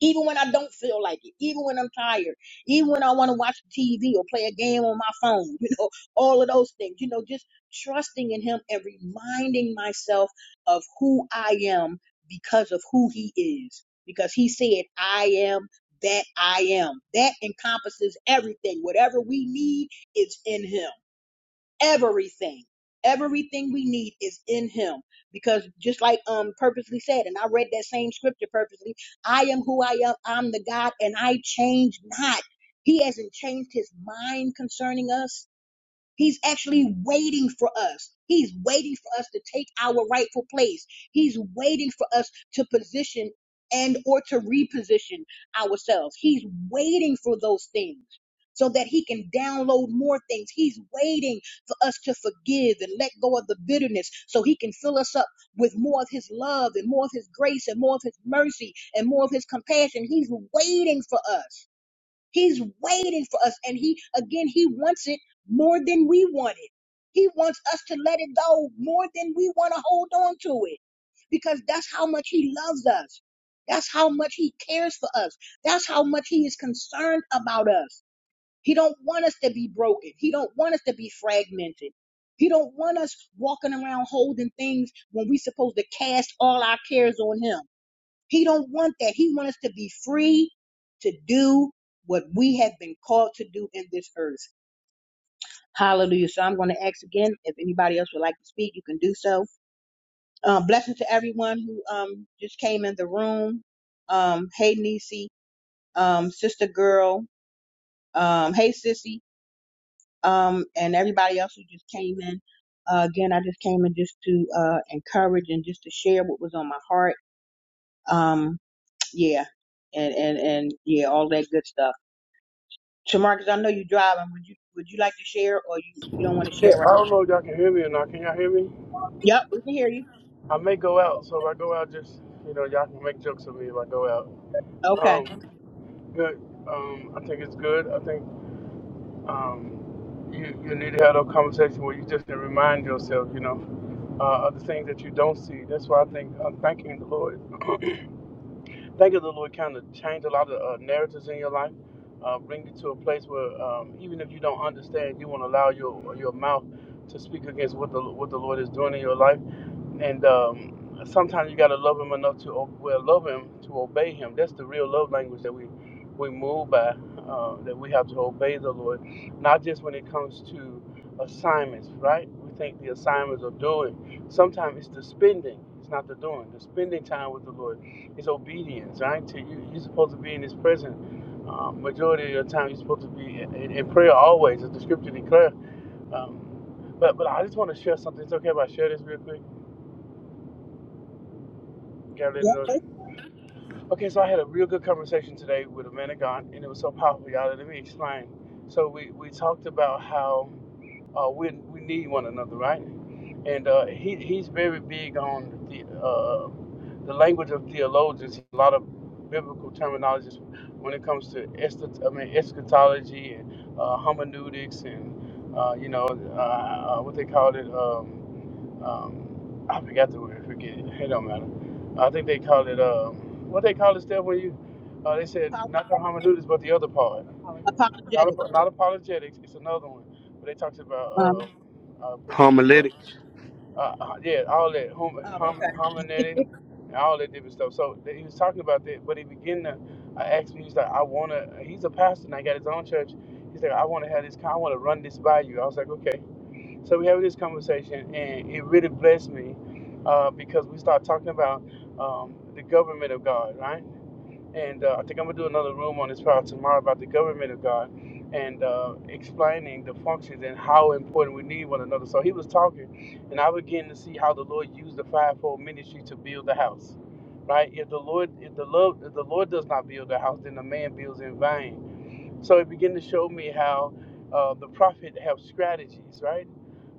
Speaker 1: even when I don't feel like it, even when I'm tired, even when I want to watch TV or play a game on my phone, you know, all of those things, you know, just trusting in Him and reminding myself of who I am because of who He is. Because He said, I am that I am. That encompasses everything. Whatever we need is in Him everything. Everything we need is in him. Because just like um purposely said, and I read that same scripture purposely, I am who I am, I'm the God, and I change not. He hasn't changed his mind concerning us. He's actually waiting for us. He's waiting for us to take our rightful place. He's waiting for us to position and or to reposition ourselves. He's waiting for those things so that he can download more things. He's waiting for us to forgive and let go of the bitterness so he can fill us up with more of his love and more of his grace and more of his mercy and more of his compassion. He's waiting for us. He's waiting for us. And he, again, he wants it more than we want it. He wants us to let it go more than we want to hold on to it because that's how much he loves us. That's how much he cares for us. That's how much he is concerned about us. He don't want us to be broken. He don't want us to be fragmented. He don't want us walking around holding things when we supposed to cast all our cares on him. He don't want that. He wants us to be free to do what we have been called to do in this earth. Hallelujah. So I'm going to ask again if anybody else would like to speak, you can do so. Um, blessings to everyone who um, just came in the room. Um, hey, Nisi, um, sister girl. Um, hey, sissy, um, and everybody else who just came in. Uh, again, I just came in just to uh, encourage and just to share what was on my heart. Um, yeah, and and and yeah, all that good stuff. Shamarcus, I know you're driving. Would you would you like to share or you, you don't want to
Speaker 6: Hey,
Speaker 1: share
Speaker 6: I
Speaker 1: right
Speaker 6: don't know if y'all can hear me or not. Can y'all hear me?
Speaker 1: now? Yep, we can hear you.
Speaker 6: I may go out, so if I go out, just you know, y'all can make jokes of me if I go out.
Speaker 1: Okay.
Speaker 6: Um, good. Um, I think it's good. I think um, you you need to have a conversation where you just can remind yourself, you know, uh, of the things that you don't see. That's why I think uh, thanking the Lord, thanking the Lord, kind of change a lot of uh, narratives in your life. Uh, bring you to a place where um, even if you don't understand, you won't allow your your mouth to speak against what the what the Lord is doing in your life and um, sometimes you gotta love him enough to o- well love him to obey him. That's the real love language that we we move by. Uh, that we have to obey the Lord, not just when it comes to assignments, right? We think the assignments are doing. Sometimes it's the spending. It's not the doing. The spending time with the Lord is obedience, right? To you, you're supposed to be in His presence. Um, majority of the time, you're supposed to be in, in in prayer always, as the Scripture declares. Um, but but I just want to share something. It's okay if I share this real quick.
Speaker 1: Yep.
Speaker 6: Okay, so I had a real good conversation today with a man of God, and it was so powerful, y'all. Let me explain. So we, we talked about how uh, we we need one another, right? And uh, he he's very big on the uh, the language of theologians. A lot of biblical terminologies when it comes to eschat- I mean, eschatology and uh, hermeneutics and uh, you know uh, uh, what they called it. Um, um, I forgot the word. Forget it. It don't matter. I think they call it um, what they call it, Steph. When you, uh, they said
Speaker 1: apo-
Speaker 6: not the hermeneutics, but the other part, not
Speaker 1: Apologetic.
Speaker 6: ap- not apologetics. It's another one, but they talked about
Speaker 1: Um
Speaker 6: uh, uh, forget it. anyway.
Speaker 7: Homiletics.
Speaker 6: Uh, uh, yeah, all that hom-
Speaker 1: oh
Speaker 6: hom-
Speaker 1: okay.
Speaker 6: hermeneutics and all that different stuff. So they, he was talking about that, but he began to uh, ask me. He's like, I wanna. He's a pastor and I got his own church. He's like, I wanna have this. con- I wanna run this by you. I was like, okay. So we have this conversation, and it really blessed me uh, because we start talking about um, the government of God, right? And uh, I think I'm gonna do another room on this probably tomorrow about the government of God and uh, explaining the functions and how important we need one another. So he was talking, and I began to see how the Lord used the fivefold ministry to build the house, right? If the Lord, if the Lord, if the Lord does not build the house, then the man builds in vain so it began to show me how uh, the prophet have strategies, right?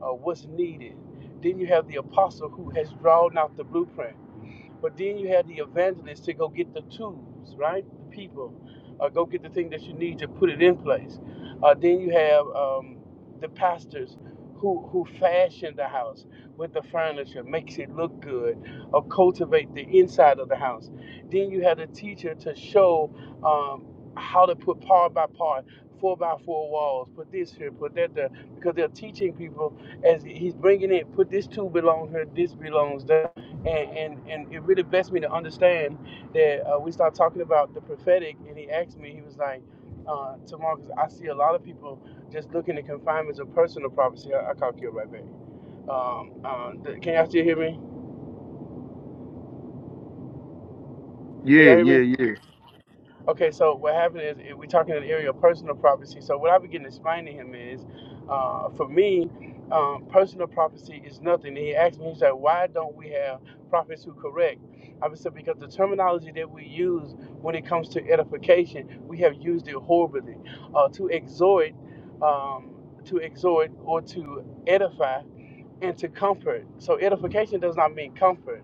Speaker 6: Uh, what's needed. Then you have the apostle who has drawn out the blueprint. But then you had the evangelist to go get the tools, right? The people, uh, go get the thing that you need to put it in place. Uh, then you have um, the pastors who who fashion the house with the furniture, makes it look good, or cultivate the inside of the house. Then you have the teacher to show um, how to put part by part. Four by four walls. Put this here. Put that there. Because they're teaching people as he's bringing in. Put this tube belong here. This belongs there and and and it really blessed me to understand that uh, we start talking about the prophetic and he asked me he was like uh to I see a lot of people just looking at confinements of personal prophecy I, I call you right back um, um the, can y'all still hear me can y'all
Speaker 7: Yeah,
Speaker 6: hear me
Speaker 7: yeah, yeah.
Speaker 6: Okay, so what happened is eh, we're talking in the area of personal prophecy. So what I began to explain to him is, uh, for me, um, personal prophecy is nothing. And he asked me, he's like, why don't we have prophets who correct? I said, because the terminology that we use when it comes to edification, we have used it horribly. Uh, to exhort, um, to exhort or to edify and to comfort. So edification does not mean comfort.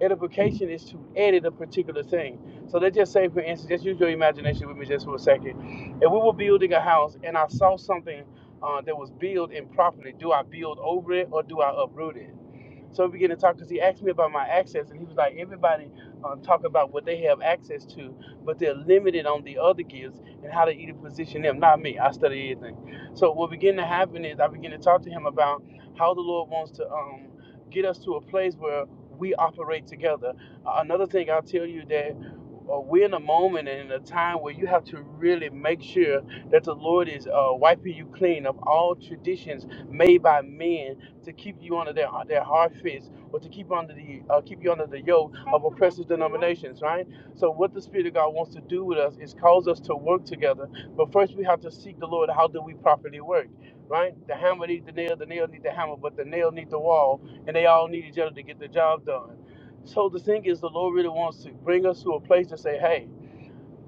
Speaker 6: Edification is to edit a particular thing. So let's just say, for instance, just use your imagination with me just for a second. If we were building a house and I saw something uh, that was built improperly, do I build over it or do I uproot it? So we began to talk because he asked me about my access, and he was like, everybody uh, talk about what they have access to, but they're limited on the other gifts and how to either position them. Not me. I study everything. So what began to happen is I began to talk to him about how the Lord wants to um, get us to a place where we operate together. Uh, another thing I'll tell you that. uh, We're in a moment and in a time where you have to really make sure that the Lord is uh, wiping you clean of all traditions made by men to keep you under their their hard fist or to keep under the uh, keep you under the yoke of oppressive denominations, right? So what the Spirit of God wants to do with us is cause us to work together. But first we have to seek the Lord. How do we properly work? Right? The hammer needs the nail, the nail needs the hammer, but the nail needs the wall, and they all need each other to get the job done. So the thing is the Lord really wants to bring us to a place to say, hey,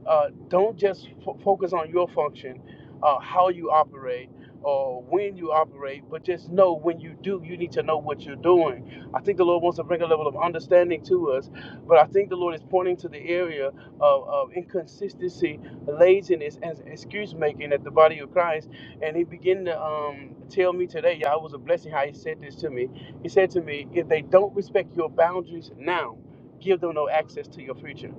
Speaker 6: uh, don't just f- focus on your function, uh, how you operate, or when you operate, but just know when you do, you need to know what you're doing. I think the Lord wants to bring a level of understanding to us, but I think the Lord is pointing to the area of, of inconsistency, laziness, and excuse making at the body of Christ. And He began to um, tell me today, yeah, it was a blessing how He said this to me. He said to me, if they don't respect your boundaries now, give them no access to your future.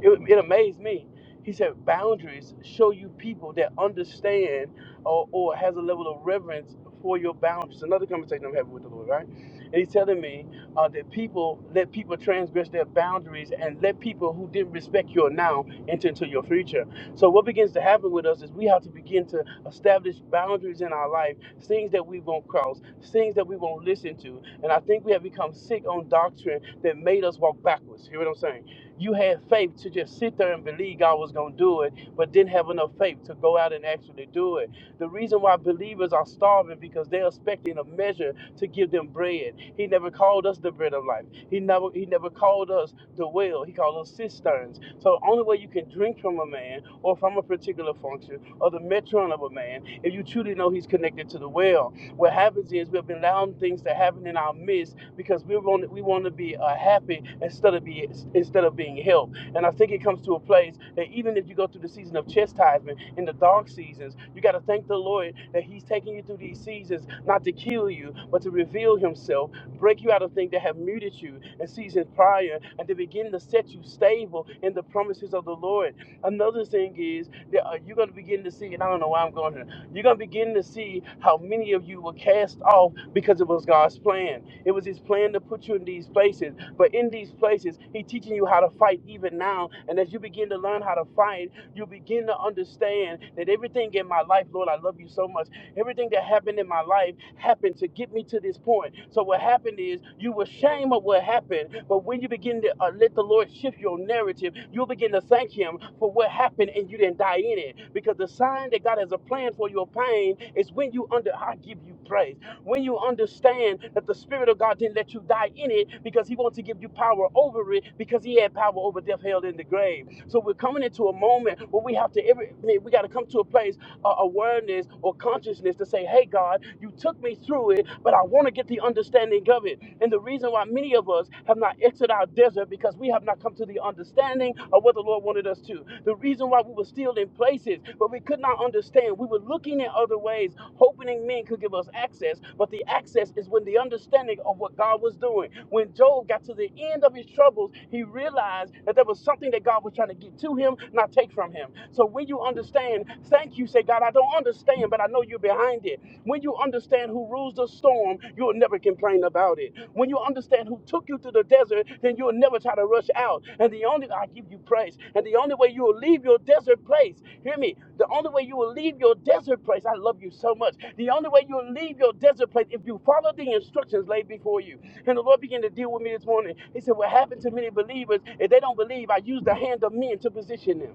Speaker 6: It, it amazed me he said boundaries show you people that understand or, or has a level of reverence for your boundaries. Another conversation I'm having with the Lord, right? And he's telling me uh, that people let people transgress their boundaries and let people who didn't respect your now enter into your future. So what begins to happen with us is we have to begin to establish boundaries in our life, things that we won't cross, things that we won't listen to. And I think we have become sick on doctrine that made us walk backwards. Hear what I'm saying? You had faith to just sit there and believe God was going to do it, but didn't have enough faith to go out and actually do it. The reason why believers are starving because they're expecting a measure to give them bread. He never called us the bread of life. He never he never called us the well. He called us cisterns. So the only way you can drink from a man or from a particular function or the metron of a man if you truly know he's connected to the well. What happens is we've been allowing things to happen in our midst because we want we want to be uh, happy instead of be instead of being helped. And I think it comes to a place that even if you go through the season of chastisement in the dark seasons, you got to thank the Lord that He's taking you through these seasons not to kill you, but to reveal Himself, break you out of things that have muted you in seasons prior, and to begin to set you stable in the promises of the Lord. Another thing is that uh, you're going to begin to see, and I don't know why I'm going here you're going to begin to see how many of you were cast off because it was God's plan. It was His plan to put you in these places. But in these places, He's teaching you how to fight even now. And as you begin to learn how to fight, you begin to understand that everything in my life, Lord, I love you so much. Everything that happened in my life happened to get me to this point. So what happened is you were ashamed of what happened, but when you begin to uh, let the Lord shift your narrative, you'll begin to thank Him for what happened and you didn't die in it. Because the sign that God has a plan for your pain is when you under I give you praise. When you understand that the Spirit of God didn't let you die in it because He wants to give you power over it because He had power over death, hell, and the grave. So we're coming into a moment where we have to every I mean, we got to come to a place uh, awareness or consciousness to say, hey, God, you took me through it, but I want to get the understanding of it. And the reason why many of us have not exited our desert because we have not come to the understanding of what the Lord wanted us to. The reason why we were still in places, but we could not understand. We were looking in other ways, hoping men could give us access. But the access is when the understanding of what God was doing. When Job got to the end of his troubles, he realized that there was something that God was trying to get to him, not take from him. So when you understand. Thank you, say God, I don't understand, but I know you're behind it. When you understand who rules the storm, you'll never complain about it. When you understand who took you through the desert, then you'll never try to rush out. And the only I give you praise. And the only way you will leave your desert place, hear me. The only way you will leave your desert place, I love you so much. The only way you'll leave your desert place if you follow the instructions laid before you. And the Lord began to deal with me this morning. He said, What happened to many believers, if they don't believe, I use the hand of men to position them.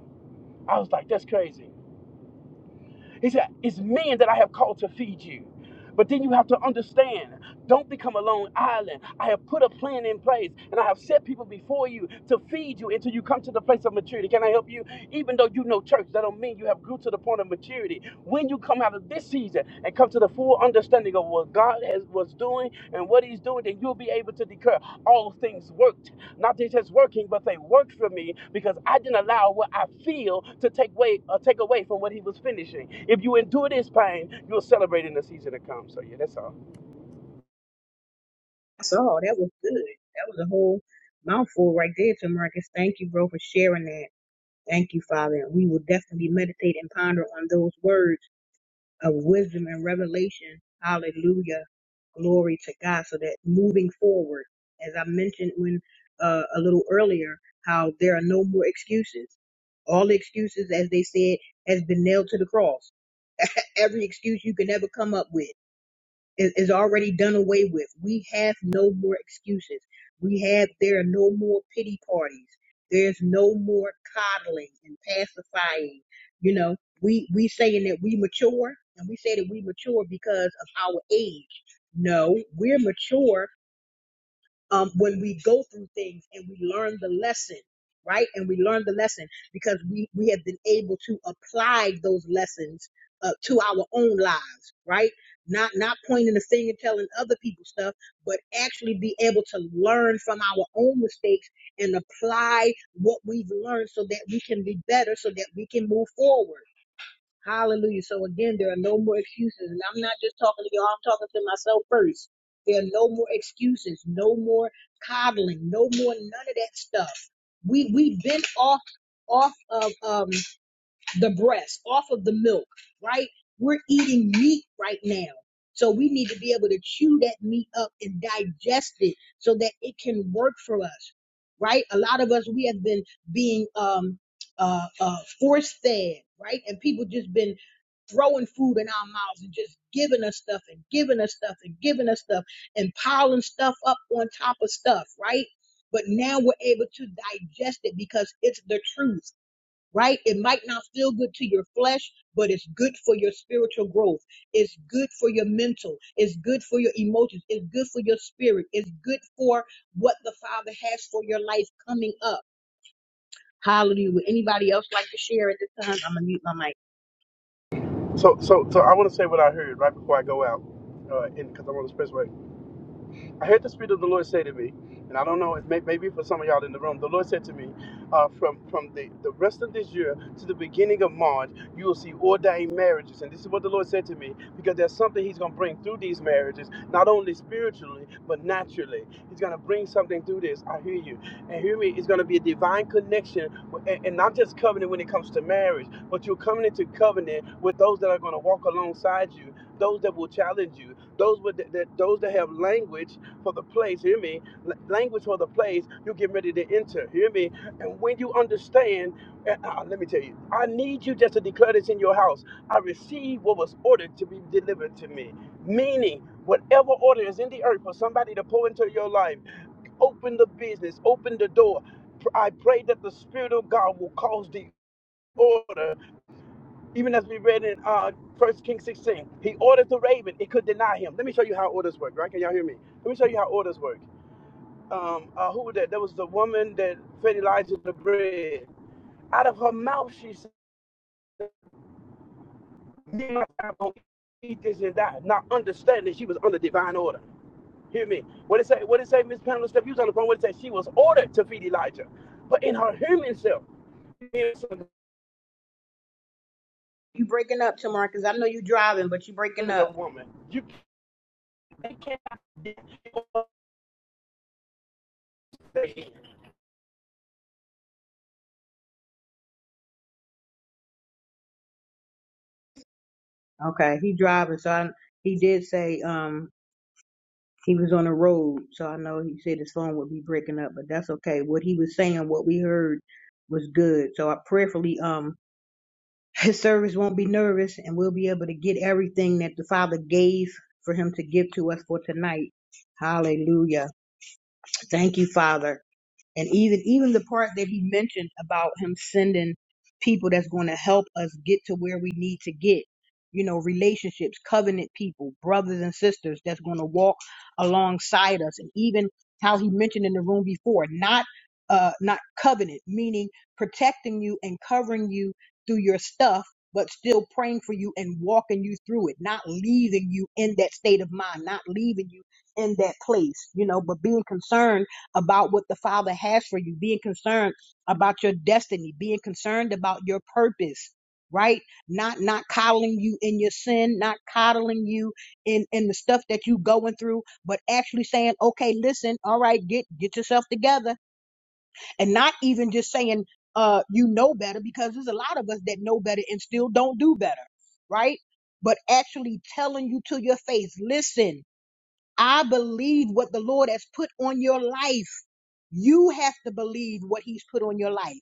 Speaker 6: I was like, That's crazy. He said, It's men that I have called to feed you. But then you have to understand, don't become a lone island. I have put a plan in place and I have set people before you to feed you until you come to the place of maturity. Can I help you? Even though you know church, that don't mean you have grew to the point of maturity. When you come out of this season and come to the full understanding of what God has was doing and what He's doing, then you'll be able to declare all things worked. Not just it's working, but they worked for me because I didn't allow what I feel to take away uh, take away from what He was finishing. If you endure this pain, you'll celebrate in the season to come. So yeah, that's all.
Speaker 1: So that was good. That was a whole mouthful right there, Tamarcus. Thank you, bro, for sharing that. Thank you, Father. And we will definitely meditate and ponder on those words of wisdom and revelation. Hallelujah. Glory to God. So that moving forward, as I mentioned when uh, a little earlier, how there are no more excuses. All the excuses, as they said, has been nailed to the cross. Every excuse you can ever come up with is, is already done away with. We have no more excuses. We have there are no more pity parties. There's no more coddling and pacifying. You know, we we saying that we mature and we say that we mature because of our age. No, we're mature um, when we go through things and we learn the lesson, right? And we learn the lesson because we, we have been able to apply those lessons uh, to our own lives, right? Not not pointing the finger, telling other people stuff, but actually be able to learn from our own mistakes and apply what we've learned so that we can be better, so that we can move forward. Hallelujah. So again, there are no more excuses. And I'm not just talking to y'all, I'm talking to myself first. There are no more excuses, no more coddling, no more none of that stuff. We we've been off off of um the breast, off of the milk, right? We're eating meat right now. So we need to be able to chew that meat up and digest it so that it can work for us. Right? A lot of us we have been being um uh uh force fed, right? And people just been throwing food in our mouths and just giving us stuff and giving us stuff and giving us stuff and piling stuff up on top of stuff, right? But now we're able to digest it because it's the truth, right? It might not feel good to your flesh, but it's good for your spiritual growth. It's good for your mental. It's good for your emotions. It's good for your spirit. It's good for what the Father has for your life coming up. Hallelujah. Would anybody else like to share at this time? I'm going to mute my mic.
Speaker 6: So so so I want to say what I heard right before I go out, uh, because I want to express. what I heard the Spirit of the Lord say to me, and I don't know, it may, maybe for some of y'all in the room, the Lord said to me, uh, from, from the, the rest of this year to the beginning of March, you will see ordained marriages. And this is what the Lord said to me, because there's something He's going to bring through these marriages, not only spiritually, but naturally. He's going to bring something through this. I hear you. And hear me, it's going to be a divine connection, with- and, and not just covenant when it comes to marriage, but you're coming into covenant with those that are going to walk alongside you, those that will challenge you, those with that, that those that have language for the place, hear me, language for the place you're getting ready to enter, hear me. And when you understand, and, uh, let me tell you, I need you just to declare this in your house. I received what was ordered to be delivered to me, meaning whatever order is in the earth for somebody to pour into your life, open the business, open the door. Pr- I pray that the Spirit of God will cause the order, even as we read in uh, 1 Kings 16, he ordered the raven, it could deny him. Let me show you how orders work, right? Can y'all hear me? Let me show you how orders work um, uh, who was that? That was the woman that fed Elijah the bread. Out of her mouth, she said, "Me and my family eat this and that," not understanding she was under divine order. Hear me. What it say? What it say, Miss Pamela Steph? You was on the phone. What it say? She was ordered to feed Elijah, but in her human self, being
Speaker 1: You breaking up, Tamar, 'cause I know you driving, but you breaking
Speaker 6: a
Speaker 1: up.
Speaker 6: woman, you they cannot.
Speaker 1: Okay, he driving, so I, he did say um he was on the road, so I know he said his phone would be breaking up, but that's okay. What he was saying, what we heard, was good. So I prayerfully um his service won't be nervous, and we'll be able to get everything that the Father gave for him to give to us for tonight. Hallelujah! Thank you, Father. and even even the part that he mentioned about him sending people that's going to help us get to where we need to get you know relationships covenant people brothers and sisters that's going to walk alongside us and even how he mentioned in the room before not uh not covenant meaning protecting you and covering you through your stuff but still praying for you and walking you through it not leaving you in that state of mind not leaving you in that place you know but being concerned about what the Father has for you, being concerned about your destiny, being concerned about your purpose, right? Not not coddling you in your sin, not coddling you in in the stuff that you going through, but actually saying, "Okay, listen, all right, get get yourself together." And not even just saying uh you know better because there's a lot of us that know better and still don't do better, right? But actually telling you to your face, "Listen, I believe what the Lord has put on your life. You have to believe what he's put on your life.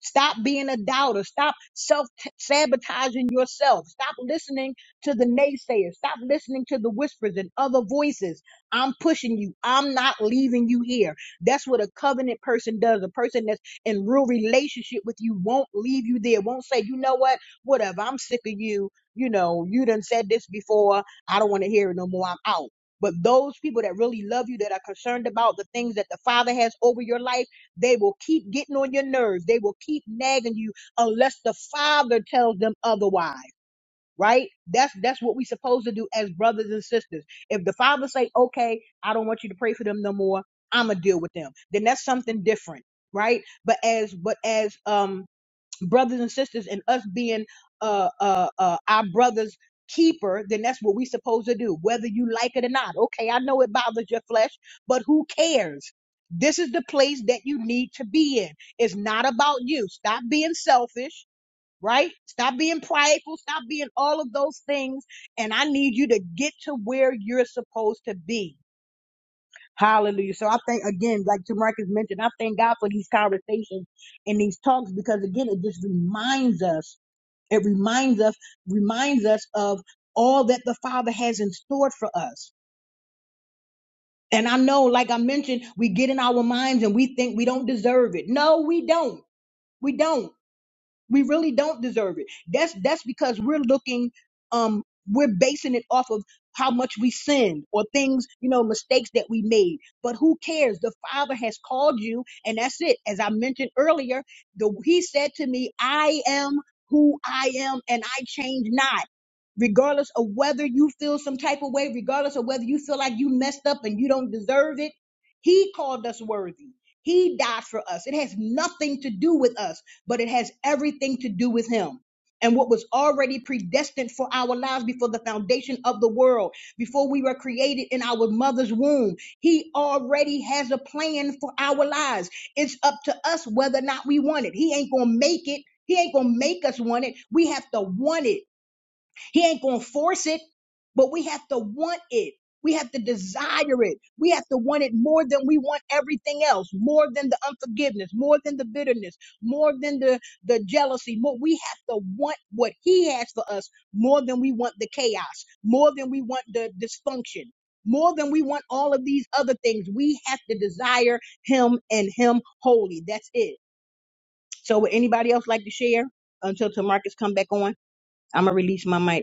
Speaker 1: Stop being a doubter. Stop self sabotaging yourself. Stop listening to the naysayers. Stop listening to the whispers and other voices. I'm pushing you. I'm not leaving you here. That's what a covenant person does. A person that's in real relationship with you won't leave you there. Won't say, you know what? Whatever. I'm sick of you. You know, you done said this before. I don't want to hear it no more. I'm out. But those people that really love you, that are concerned about the things that the Father has over your life, they will keep getting on your nerves. They will keep nagging you unless the Father tells them otherwise. Right? That's that's what we supposed to do as brothers and sisters. If the Father say, "Okay, I don't want you to pray for them no more. I'm gonna deal with them," then that's something different, right? But as but as um brothers and sisters and us being uh, uh, uh, our brother's keeper, then that's what we supposed to do, whether you like it or not. Okay, I know it bothers your flesh, but who cares? This is the place that you need to be in. It's not about you. Stop being selfish, right? Stop being prideful. Stop being all of those things. And I need you to get to where you're supposed to be. Hallelujah. So I think again, like Jamarcus mentioned, I thank God for these conversations and these talks because again, it just reminds us. It reminds us, reminds us of all that the Father has in store for us. And I know, like I mentioned, we get in our minds and we think we don't deserve it. No, we don't. We don't. We really don't deserve it. That's that's because we're looking um we're basing it off of how much we sinned or things, you know, mistakes that we made. But who cares? The Father has called you and that's it. As I mentioned earlier, the he said to me, "I am who I am and I change not." Regardless of whether you feel some type of way, regardless of whether you feel like you messed up and you don't deserve it, he called us worthy. He died for us. It has nothing to do with us but it has everything to do with Him. And what was already predestined for our lives before the foundation of the world, before we were created in our mother's womb, He already has a plan for our lives. It's up to us whether or not we want it. He ain't gonna make it. He ain't gonna make us want it. We have to want it. He ain't going to force it, but we have to want it. We have to desire it. We have to want it more than we want everything else, more than the unforgiveness, more than the bitterness, more than the, the jealousy. More, we have to want what He has for us more than we want the chaos, more than we want the dysfunction, more than we want all of these other things. We have to desire Him and Him wholly. That's it. So, would anybody else like to share until Tamarcus come back on? I'm gonna release my mic.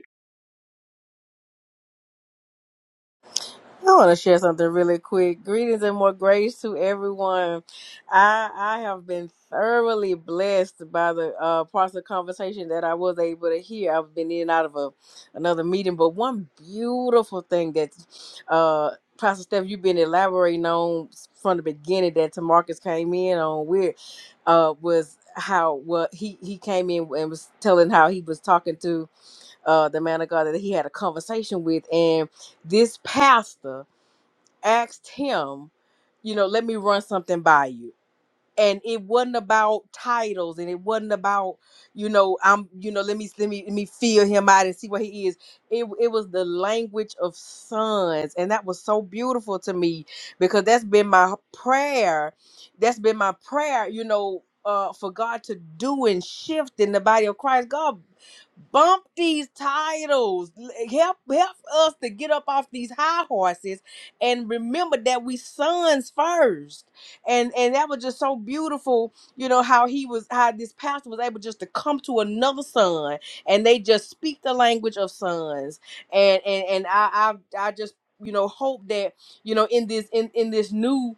Speaker 8: I want to share something really quick. Greetings and more grace to everyone. I I have been thoroughly blessed by the uh, parts of the conversation that I was able to hear. I've been in and out of a, another meeting, but one beautiful thing that uh, Pastor Steph, you've been elaborating on from the beginning that Tamarcus came in on weird uh, was how well he he came in and was telling how he was talking to uh, the man of God that he had a conversation with, and this pastor asked him, you know, let me run something by you and it wasn't about titles and it wasn't about you know i'm you know let me let me let me feel him out and see what he is it, it was the language of sons and that was so beautiful to me because that's been my prayer that's been my prayer you know uh for god to do and shift in the body of christ god bump these titles L- help help us to get up off these high horses and remember that we sons first and and that was just so beautiful you know how he was how this pastor was able just to come to another son and they just speak the language of sons and and and i i, I just you know hope that you know in this in in this new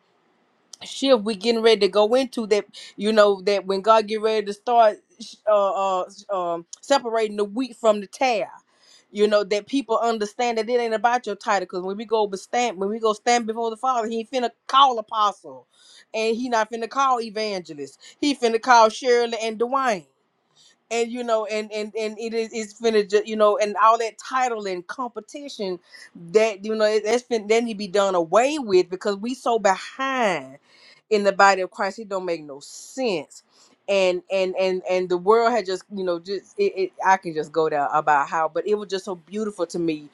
Speaker 8: shift we getting ready to go into that you know that when god get ready to start uh, uh um separating the wheat from the tare you know that people understand that it ain't about your title because when we go be- stand when we go stand before the father he ain't finna call apostle and he not finna call evangelist he finna call shirley and dwayne and you know and and and it is it's finished, you know and all that title and competition that you know it, that's fin- that need to be done away with because we so behind in the body of christ it don't make no sense and and and and the world had just you know just it, it i can just go there about how but it was just so beautiful to me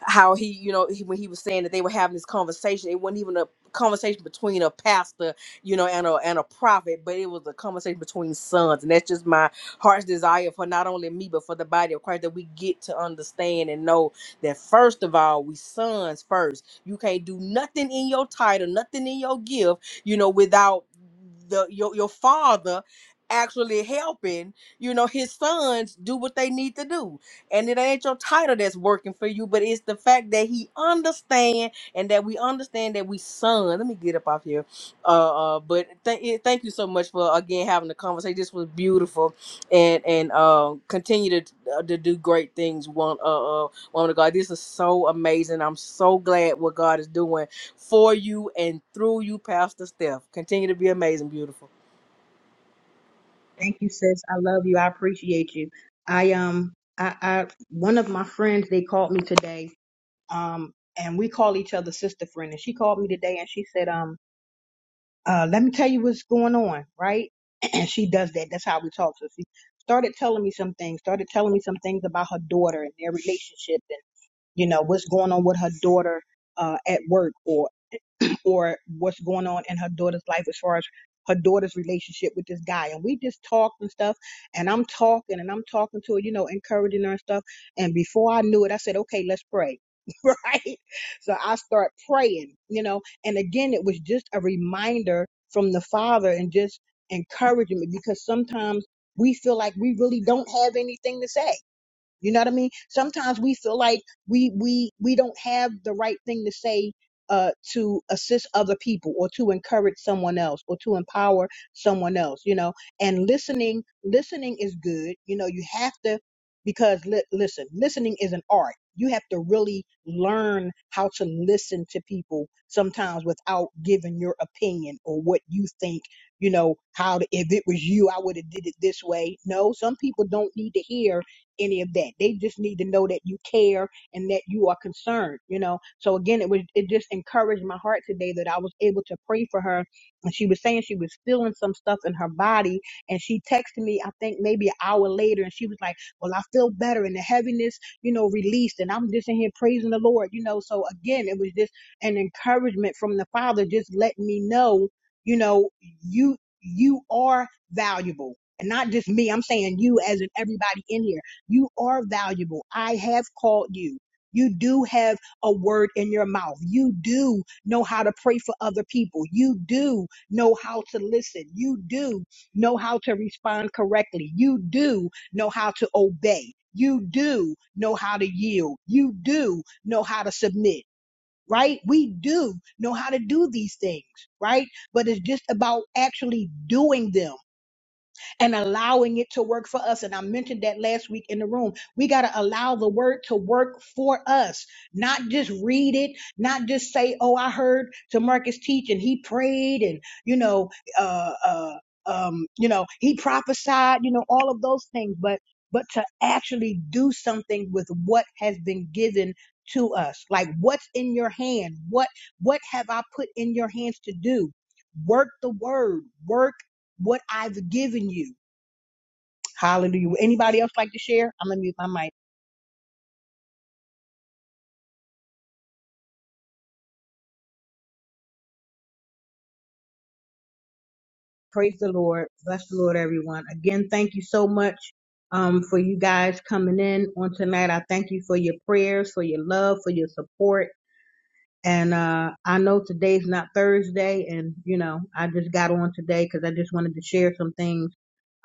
Speaker 8: how he, you know, he, when he was saying that they were having this conversation, it wasn't even a conversation between a pastor, you know, and a and a prophet, but it was a conversation between sons. And that's just my heart's desire for not only me, but for the body of Christ that we get to understand and know that first of all, we sons first. You can't do nothing in your title, nothing in your gift, you know, without the your, your father actually helping, you know, his sons do what they need to do and it ain't your title that's working for you, but it's the fact that he understand and that we understand that we son. Let me get up off here. Uh, uh but th- eh, thank you so much for again having the conversation. This was beautiful, and and um continue to uh, to do great things. One uh, uh woman of God, this is so amazing. I'm so glad what God is doing for you and through you, Pastor Steph. Continue to be amazing, beautiful.
Speaker 1: Thank you, sis. I love you. I appreciate you. I um I, I one of my friends they called me today. Um and we call each other sister friend. And she called me today and she said, um, uh, let me tell you what's going on, right? And she does that. That's how we talk. So she started telling me some things, started telling me some things about her daughter and their relationship and you know what's going on with her daughter uh at work or for what's going on in her daughter's life as far as her daughter's relationship with this guy. And we just talked and stuff. And I'm talking and I'm talking to her, you know, encouraging her and stuff. And before I knew it, I said, okay, let's pray. right? So I start praying, you know. And again, it was just a reminder from the Father and just encouragement because sometimes we feel like we really don't have anything to say you know what I mean? Sometimes we feel like we we we don't have the right thing to say uh to assist other people or to encourage someone else or to empower someone else, you know. And listening listening is good. You know, you have to because li- listen, listening is an art. You have to really learn how to listen to people sometimes without giving your opinion or what you think, you know, how to, if it was you, I would have did it this way. No, some people don't need to hear any of that. They just need to know that you care and that you are concerned, you know. So again, it was it just encouraged my heart today that I was able to pray for her. And she was saying she was feeling some stuff in her body, and she texted me I think maybe an hour later, and she was like, "Well, I feel better, and the heaviness, you know, released, and I'm just in here praising the Lord, you know." So again, it was just an encouragement from the Father, just letting me know, you know, you you are valuable. And not just me, I'm saying you as in everybody in here you are valuable. I have called you. You do have a word in your mouth. You do know how to pray for other people. You do know how to listen. You do know how to respond correctly. You do know how to obey. You do know how to yield. You do know how to submit, right? We do know how to do these things, right? But it's just about actually doing them and allowing it to work for us. And I mentioned that last week in the room. We got to allow the word to work for us, not just read it, not just say, oh, I heard to teach and he prayed and, you know, uh, uh, um, you know, he prophesied, you know, all of those things, but, but to actually do something with what has been given to us, like what's in your hand, what, what have I put in your hands to do? Work the word, work what I've given you Hallelujah. Would Anybody else like to share? I'm gonna mute my mic. Praise the Lord. Bless the Lord, everyone. Again, thank you so much um, for you guys coming in on tonight. I thank you for your prayers, for your love, for your support. And uh, I know today's not Thursday, and you know I just got on today because I just wanted to share some things.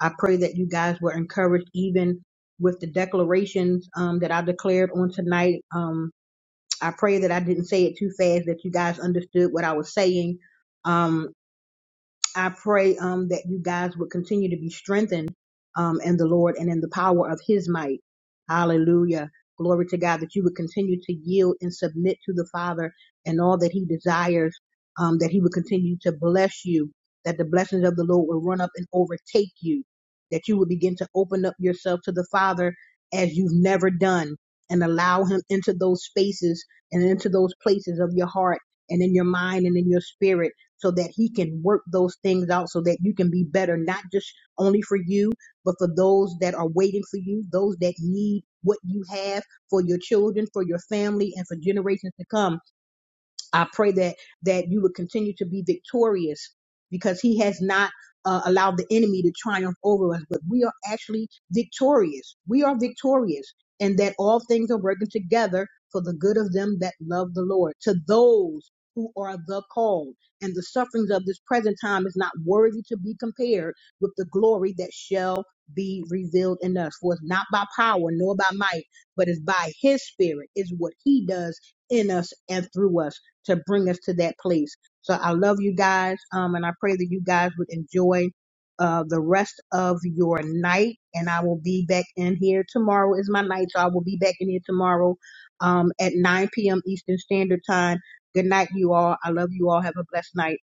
Speaker 1: I pray that you guys were encouraged, even with the declarations um, that I declared on tonight. Um, I pray that I didn't say it too fast, that you guys understood what I was saying. Um, I pray um, that you guys would continue to be strengthened um, in the Lord and in the power of His might. Hallelujah. Glory to God that you would continue to yield and submit to the Father and all that He desires, um, that He would continue to bless you, that the blessings of the Lord will run up and overtake you, that you would begin to open up yourself to the Father as you've never done and allow Him into those spaces and into those places of your heart and in your mind and in your spirit so that he can work those things out so that you can be better, not just only for you, but for those that are waiting for you, those that need what you have for your children, for your family, and for generations to come. I pray that that you would continue to be victorious because he has not uh, allowed the enemy to triumph over us, but we are actually victorious. We are victorious, and that all things are working together for the good of them that love the Lord, to those who are the called. And the sufferings of this present time is not worthy to be compared with the glory that shall be revealed in us. For it's not by power nor by might, but it's by his spirit, is what he does in us and through us to bring us to that place. So I love you guys, um, and I pray that you guys would enjoy uh, the rest of your night. And I will be back in here tomorrow is my night, so I will be back in here tomorrow um, at 9 p.m. Eastern Standard Time. Good night, you all. I love you all. Have a blessed night.